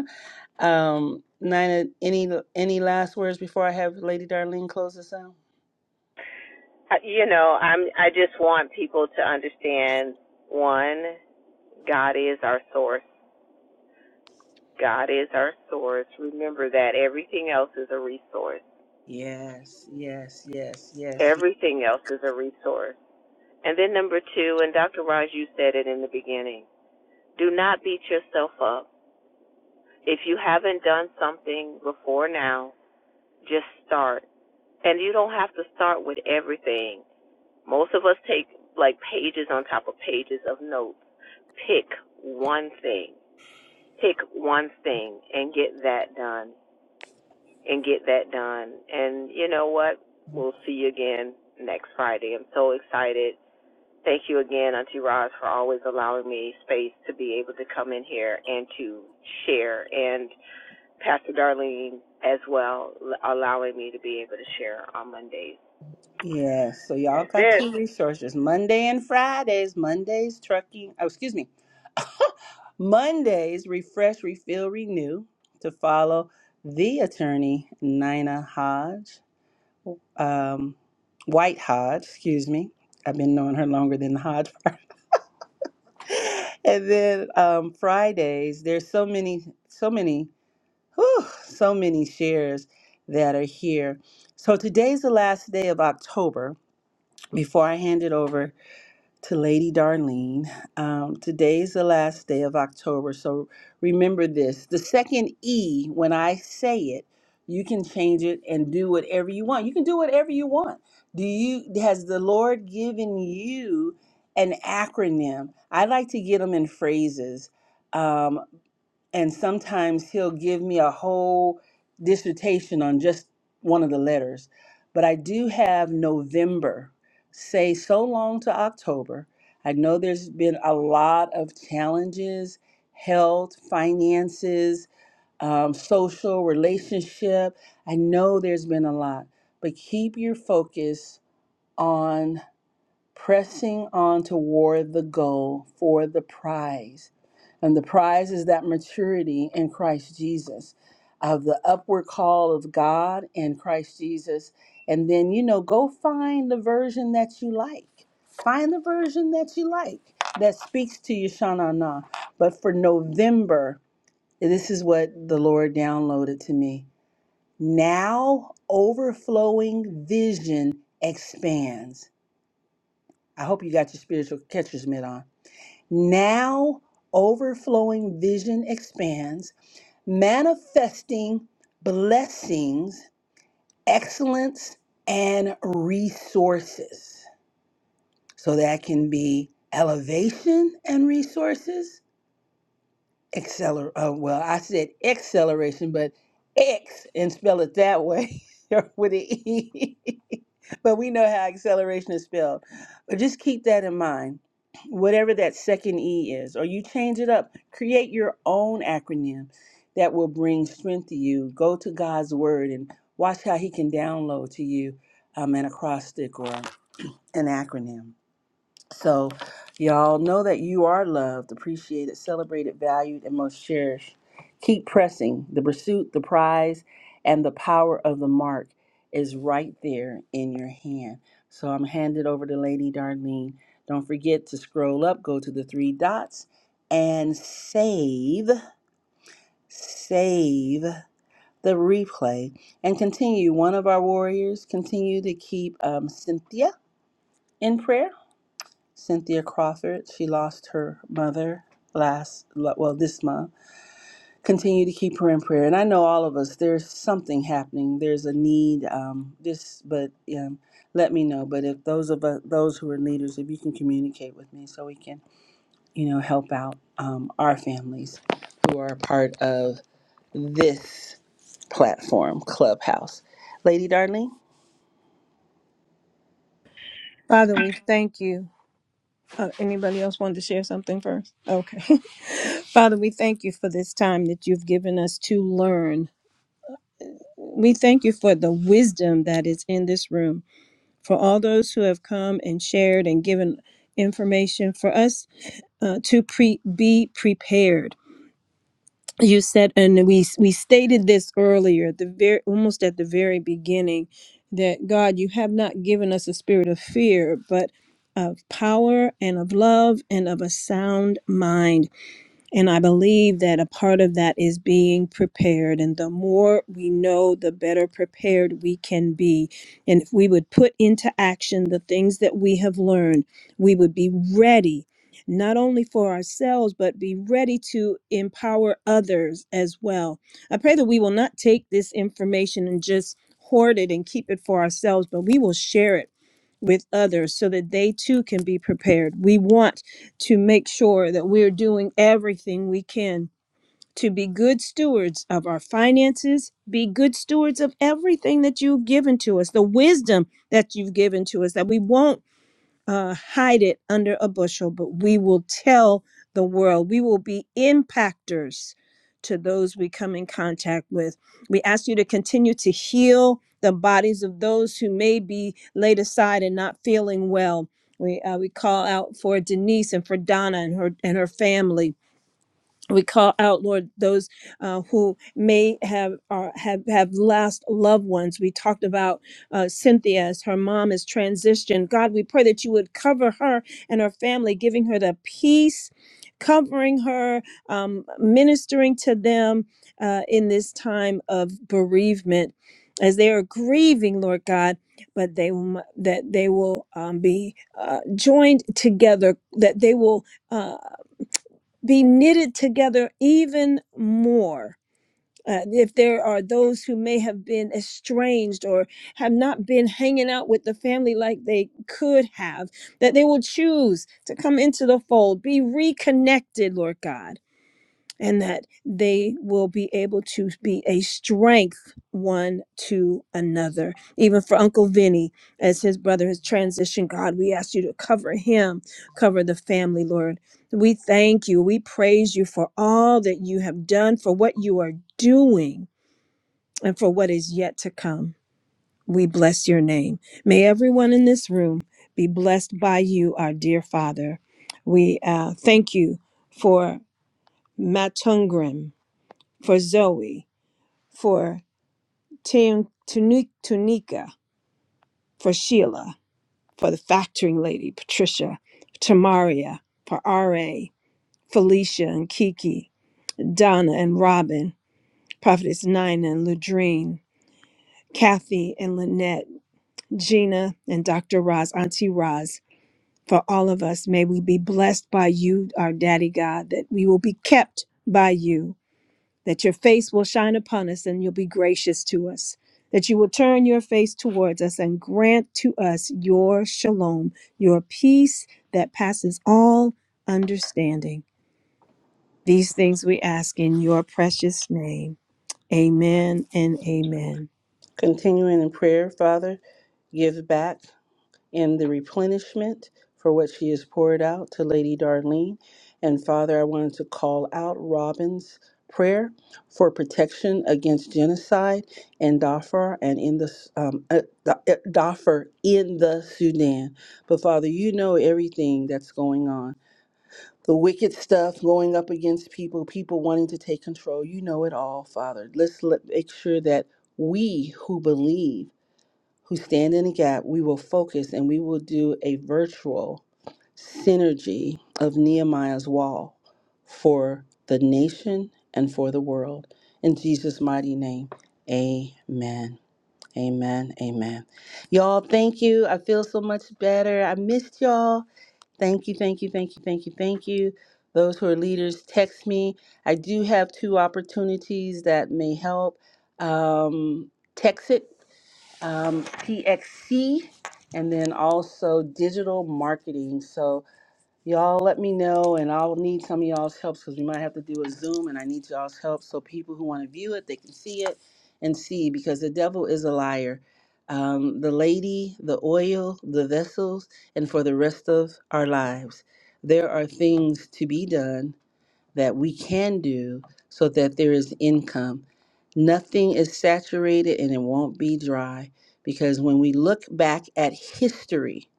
S1: <laughs> um, Nina, any any last words before I have Lady Darlene close us out?
S4: You know, I'm, I just want people to understand one, God is our source. God is our source. Remember that everything else is a resource.
S1: Yes. Yes. Yes. Yes.
S4: Everything else is a resource. And then number two, and Dr. Raj, you said it in the beginning, do not beat yourself up. If you haven't done something before now, just start And you don't have to start with everything. Most of us take like pages on top of pages of notes. Pick one thing. Pick one thing and get that done. And get that done. And you know what? We'll see you again next Friday. I'm so excited. Thank you again, Auntie Roz, for always allowing me space to be able to come in here and to share. And Pastor Darlene as well, allowing me to be able to share on Mondays.
S1: Yeah, so y'all
S4: That's
S1: got
S4: it.
S1: two resources Monday and Fridays. Mondays, trucking, oh, excuse me, Mondays, refresh, refill, renew to follow the attorney, Nina Hodge, um, White Hodge, excuse me. I've been knowing her longer than the Hodge part. <laughs> And then um, Fridays, there's so many, so many, whew, so many shares that are here. So today's the last day of October before I hand it over to Lady Darlene. Um, today is the last day of October, so remember this. The second E, when I say it, you can change it and do whatever you want. You can do whatever you want. Do you has the Lord given you an acronym? I like to get them in phrases. Um, and sometimes he'll give me a whole dissertation on just one of the letters. But I do have November, say so long to October. I know there's been a lot of challenges health, finances, um, social, relationship. I know there's been a lot, but keep your focus on pressing on toward the goal for the prize. And the prize is that maturity in Christ Jesus of the upward call of God in Christ Jesus. And then, you know, go find the version that you like. Find the version that you like that speaks to you, Shana. Na. But for November, this is what the Lord downloaded to me. Now, overflowing vision expands. I hope you got your spiritual catcher's mitt on. Now, overflowing vision expands, manifesting blessings, excellence, and resources. So that can be elevation and resources, acceler uh, well i said acceleration but x and spell it that way <laughs> with an e <laughs> but we know how acceleration is spelled but just keep that in mind whatever that second e is or you change it up create your own acronym that will bring strength to you go to god's word and watch how he can download to you um, an acrostic or an acronym so, y'all know that you are loved, appreciated, celebrated, valued, and most cherished. Keep pressing. The pursuit, the prize, and the power of the mark is right there in your hand. So, I'm handed over to Lady Darlene. Don't forget to scroll up, go to the three dots, and save, save the replay. And continue. One of our warriors, continue to keep um, Cynthia in prayer Cynthia Crawford, she lost her mother last, well, this month. Continue to keep her in prayer. And I know all of us, there's something happening. There's a need. Um, this, but um, let me know. But if those of us, those who are leaders, if you can communicate with me, so we can, you know, help out um, our families who are a part of this platform, Clubhouse. Lady Darling,
S5: Father, we thank you. Uh, anybody else wanted to share something first? Okay. <laughs> Father, we thank you for this time that you've given us to learn. We thank you for the wisdom that is in this room, for all those who have come and shared and given information for us uh, to pre- be prepared. You said, and we we stated this earlier, at the very almost at the very beginning, that God, you have not given us a spirit of fear, but of power and of love and of a sound mind and I believe that a part of that is being prepared. And the more we know, the better prepared we can be. And if we would put into action the things that we have learned, we would be ready, not only for ourselves, but be ready to empower others as well. I pray that we will not take this information and just hoard it and keep it for ourselves, but we will share it with others so that they too can be prepared. We want to make sure that we're doing everything we can to be good stewards of our finances, be good stewards of everything that you've given to us, the wisdom that you've given to us, that we won't uh, hide it under a bushel, but we will tell the world. We will be impactors to those we come in contact with. We ask you to continue to heal the bodies of those who may be laid aside and not feeling well. We, uh, we call out for Denise and for Donna and her and her family we call out lord those uh, who may have or have have lost loved ones we talked about uh, cynthia as her mom is transitioned god we pray that you would cover her and her family giving her the peace covering her um, ministering to them uh, in this time of bereavement as they are grieving lord god but they will that they will um, be uh, joined together that they will uh, be knitted together even more. Uh, if there are those who may have been estranged or have not been hanging out with the family like they could have, that they will choose to come into the fold, be reconnected, Lord God and that they will be able to be a strength one to another. Even for Uncle Vinny, as his brother has transitioned, God, we ask you to cover him, cover the family, Lord. We thank you. We praise you for all that you have done, for what you are doing, and for what is yet to come. We bless your name. May everyone in this room be blessed by you, our dear Father. We uh, thank you for Matungrim for Zoe, for Tim Tunu- Tunica, for Sheila, for the factoring lady, Patricia, Tamaria, for R.A., Felicia and Kiki, Donna and Robin, Prophetess Nina and Ladrine, Kathy and Lynette, Gina and Dr. Roz, Auntie Roz, for all of us, may we be blessed by you, our Daddy God, that we will be kept by you that your face will shine upon us and you'll be gracious to us, that you will turn your face towards us and grant to us your shalom, your peace that passes all understanding. These things we ask in your precious name. Amen and amen.
S1: continuing in prayer, Father, give back. in the replenishment for what she has poured out to Lady Darlene. And Father, I wanted to call out Robin's prayer for protection against genocide in Darfur and in the um, uh, Da- uh, Darfur in the Sudan. But Father, you know everything that's going on. The wicked stuff going up against people, people wanting to take control. You know it all, Father. Let's let, make sure that we who believe who stand in the gap, we will focus and we will do a virtual synergy of Nehemiah's wall for the nation and for the world. In Jesus' mighty name, amen. Amen. Amen. Y'all, thank you. I feel so much better. I missed y'all. Thank you, thank you, thank you, thank you, thank you. Those who are leaders, text me. I do have two opportunities that may help. Um, text it um, PXC, and then also digital marketing. So y'all let me know, and I'll need some of y'all's help because we might have to do a Zoom, and I need y'all's help so people who want to view it, they can see it and see because the devil is a liar. Um, the lady, the oil, the vessels, and for the rest of our lives, there are things to be done that we can do so that there is income. Nothing is saturated and it won't be dry because when we look back at history,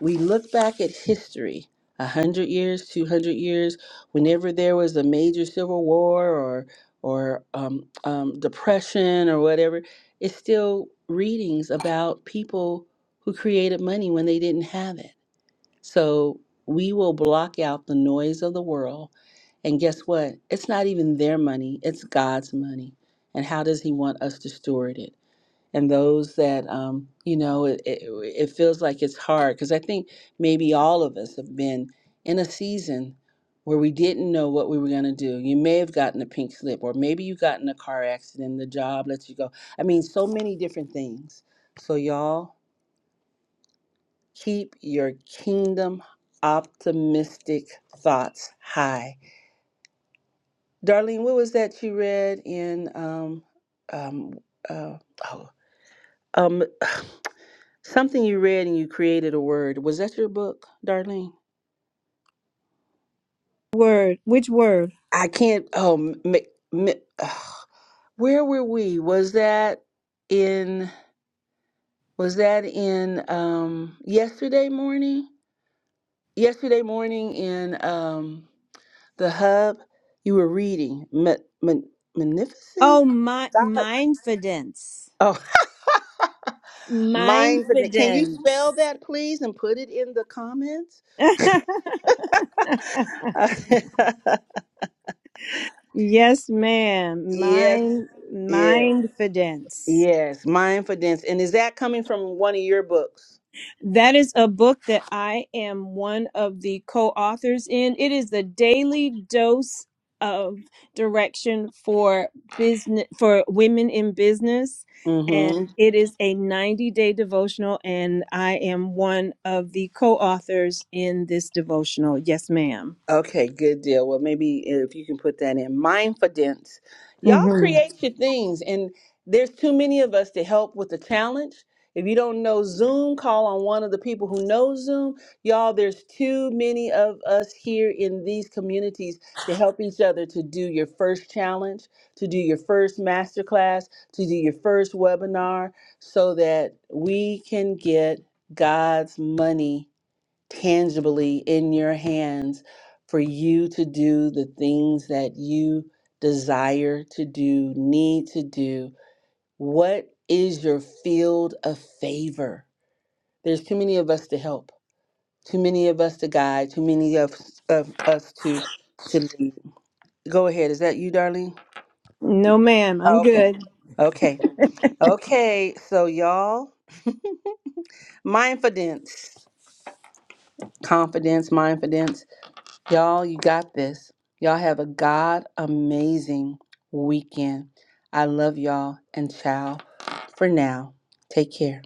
S1: we look back at history 100 years, 200 years, whenever there was a major civil war or or um, um, depression or whatever, it's still readings about people who created money when they didn't have it so we will block out the noise of the world. And guess what? It's not even their money, it's God's money. And how does He want us to steward it? And those that, um, you know, it, it, it feels like it's hard because I think maybe all of us have been in a season where we didn't know what we were going to do. You may have gotten a pink slip, or maybe you got in a car accident, the job lets you go. I mean, so many different things. So, y'all, Keep your kingdom optimistic thoughts high. Darlene, what was that you read in um um uh oh um <sighs> something you read and you created a word. Was that your book, Darlene?
S5: Word, which word?
S1: I can't oh m- m- ugh. where were we? Was that in was that in um yesterday morning? Yesterday morning in um The hub you were reading, ma- ma- magnificent
S5: Oh, my
S1: God.
S5: mindfidence.
S1: Oh, <laughs> mindfulness. Can you
S5: Mindfidence.
S1: spell that, please, and put it in the comments?
S5: <laughs>
S1: <laughs>
S5: yes, ma'am.
S1: yes,
S5: Mind
S1: yes,
S5: mindfidence.
S1: yes. Mindfulness, and is that coming from one of your books?
S5: That is a book that I am one of the co authors in. It is the daily dose of direction for business for women in business
S1: Mm-hmm.
S5: and it is a 90 day devotional and i am one of the co-authors in this devotional yes madam
S1: Okay, good deal. Well, maybe if you can put that in mindfulness, y'all
S5: mm-hmm.
S1: create your things, and there's too many of us to help with the challenge. If you don't know Zoom, call on one of the people who know Zoom. Y'all, there's too many of us here in these communities to help each other to do your first challenge, to do your first masterclass, to do your first webinar, so that we can get God's money tangibly in your hands for you to do the things that you desire to do, need to do. What is your field of favor? There's too many of us to help, too many of us to guide, too many of, of us to to lead. Go ahead. Is that you, darling?
S5: no ma'am i'm
S1: Oh, okay.
S5: good
S1: Okay. Okay. So y'all, mindfulness, confidence, mindfulness. Y'all, you got this. Y'all have a God amazing weekend. I love y'all and ciao for now. Take care.